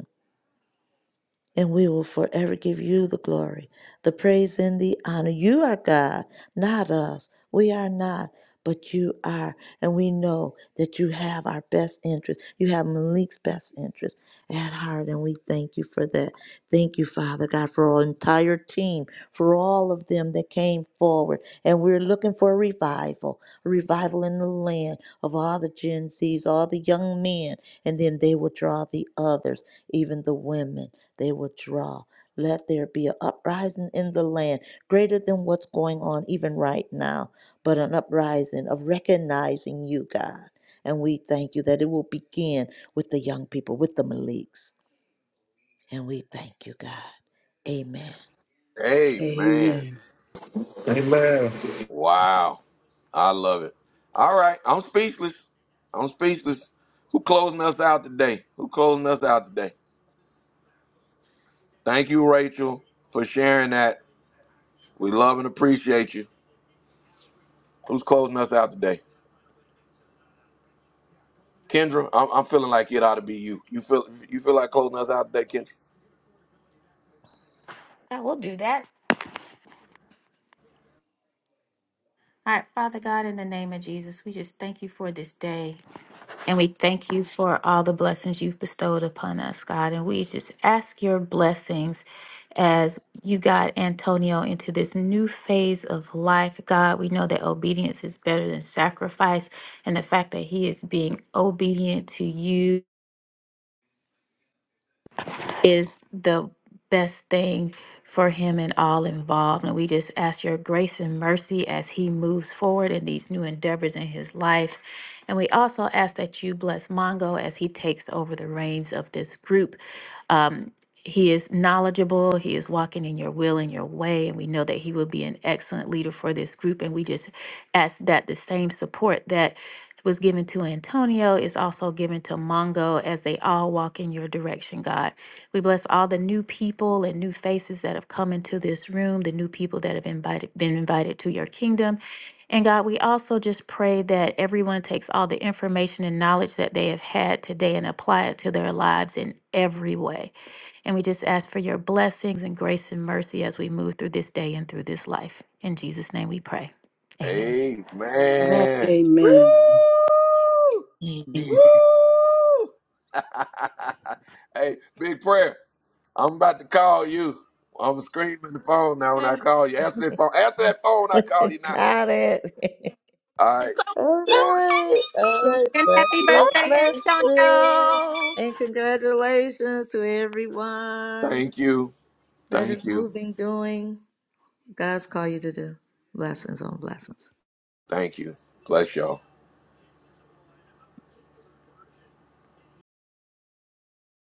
D: And we will forever give you the glory, the praise, and the honor. You are God, not us. We are not, but you are. And we know that you have our best interest. You have Malik's best interest at heart. And we thank you for that. Thank you, Father God, for our entire team, for all of them that came forward. And we're looking for a revival, a revival in the land of all the Gen Zs, all the young men. And then they will draw the others, even the women they will draw. Let there be an uprising in the land greater than what's going on even right now, but an uprising of recognizing you, God. And we thank you that it will begin with the young people, with the Maliks. And we thank you, God. Amen.
A: Amen.
C: Amen.
O: Amen.
A: Wow. I love it. All right. I'm speechless. I'm speechless. Who closing us out today? Who closing us out today? Thank you, Rachel, for sharing that. We love and appreciate you. Who's closing us out today? Kendra, I'm, I'm feeling like it ought to be you. You feel you feel like closing us out today, Kendra?
P: I will do that. All right, Father God, in the name of Jesus, we just thank you for this day. And we thank you for all the blessings you've bestowed upon us, God. And we just ask your blessings as you got Antonio into this new phase of life. God, we know that obedience is better than sacrifice. And the fact that he is being obedient to you. is the best thing for him and all involved. And we just ask your grace and mercy as he moves forward in these new endeavors in his life. And we also ask that you bless Mongo as he takes over the reins of this group. Um, he is knowledgeable. He is walking in your will and your way. And we know that he will be an excellent leader for this group. And we just ask that the same support that was given to Antonio is also given to Mongo as they all walk in your direction, God. We bless all the new people and new faces that have come into this room, the new people that have invited, been invited to your kingdom. And God, we also just pray that everyone takes all the information and knowledge that they have had today and apply it to their lives in every way. And we just ask for your blessings and grace and mercy as we move through this day and through this life. In Jesus' name we pray. Amen.
A: Amen.
C: Amen.
A: Woo!
D: Amen.
A: Woo! hey, big prayer. I'm about to call you. I'm screaming the phone now when I call you. Answer that phone. Answer that phone. when I call you now.
D: Got it.
A: All right.
D: All right. All right.
P: And happy
B: Happy birthday.
D: Birthday
P: birthday,
D: blessing.
P: Antonio.
D: And congratulations to everyone
A: Thank you.
D: that is
A: Thank you.
D: moving, doing. God's called you to do. Blessings on blessings.
A: Thank you. Bless y'all.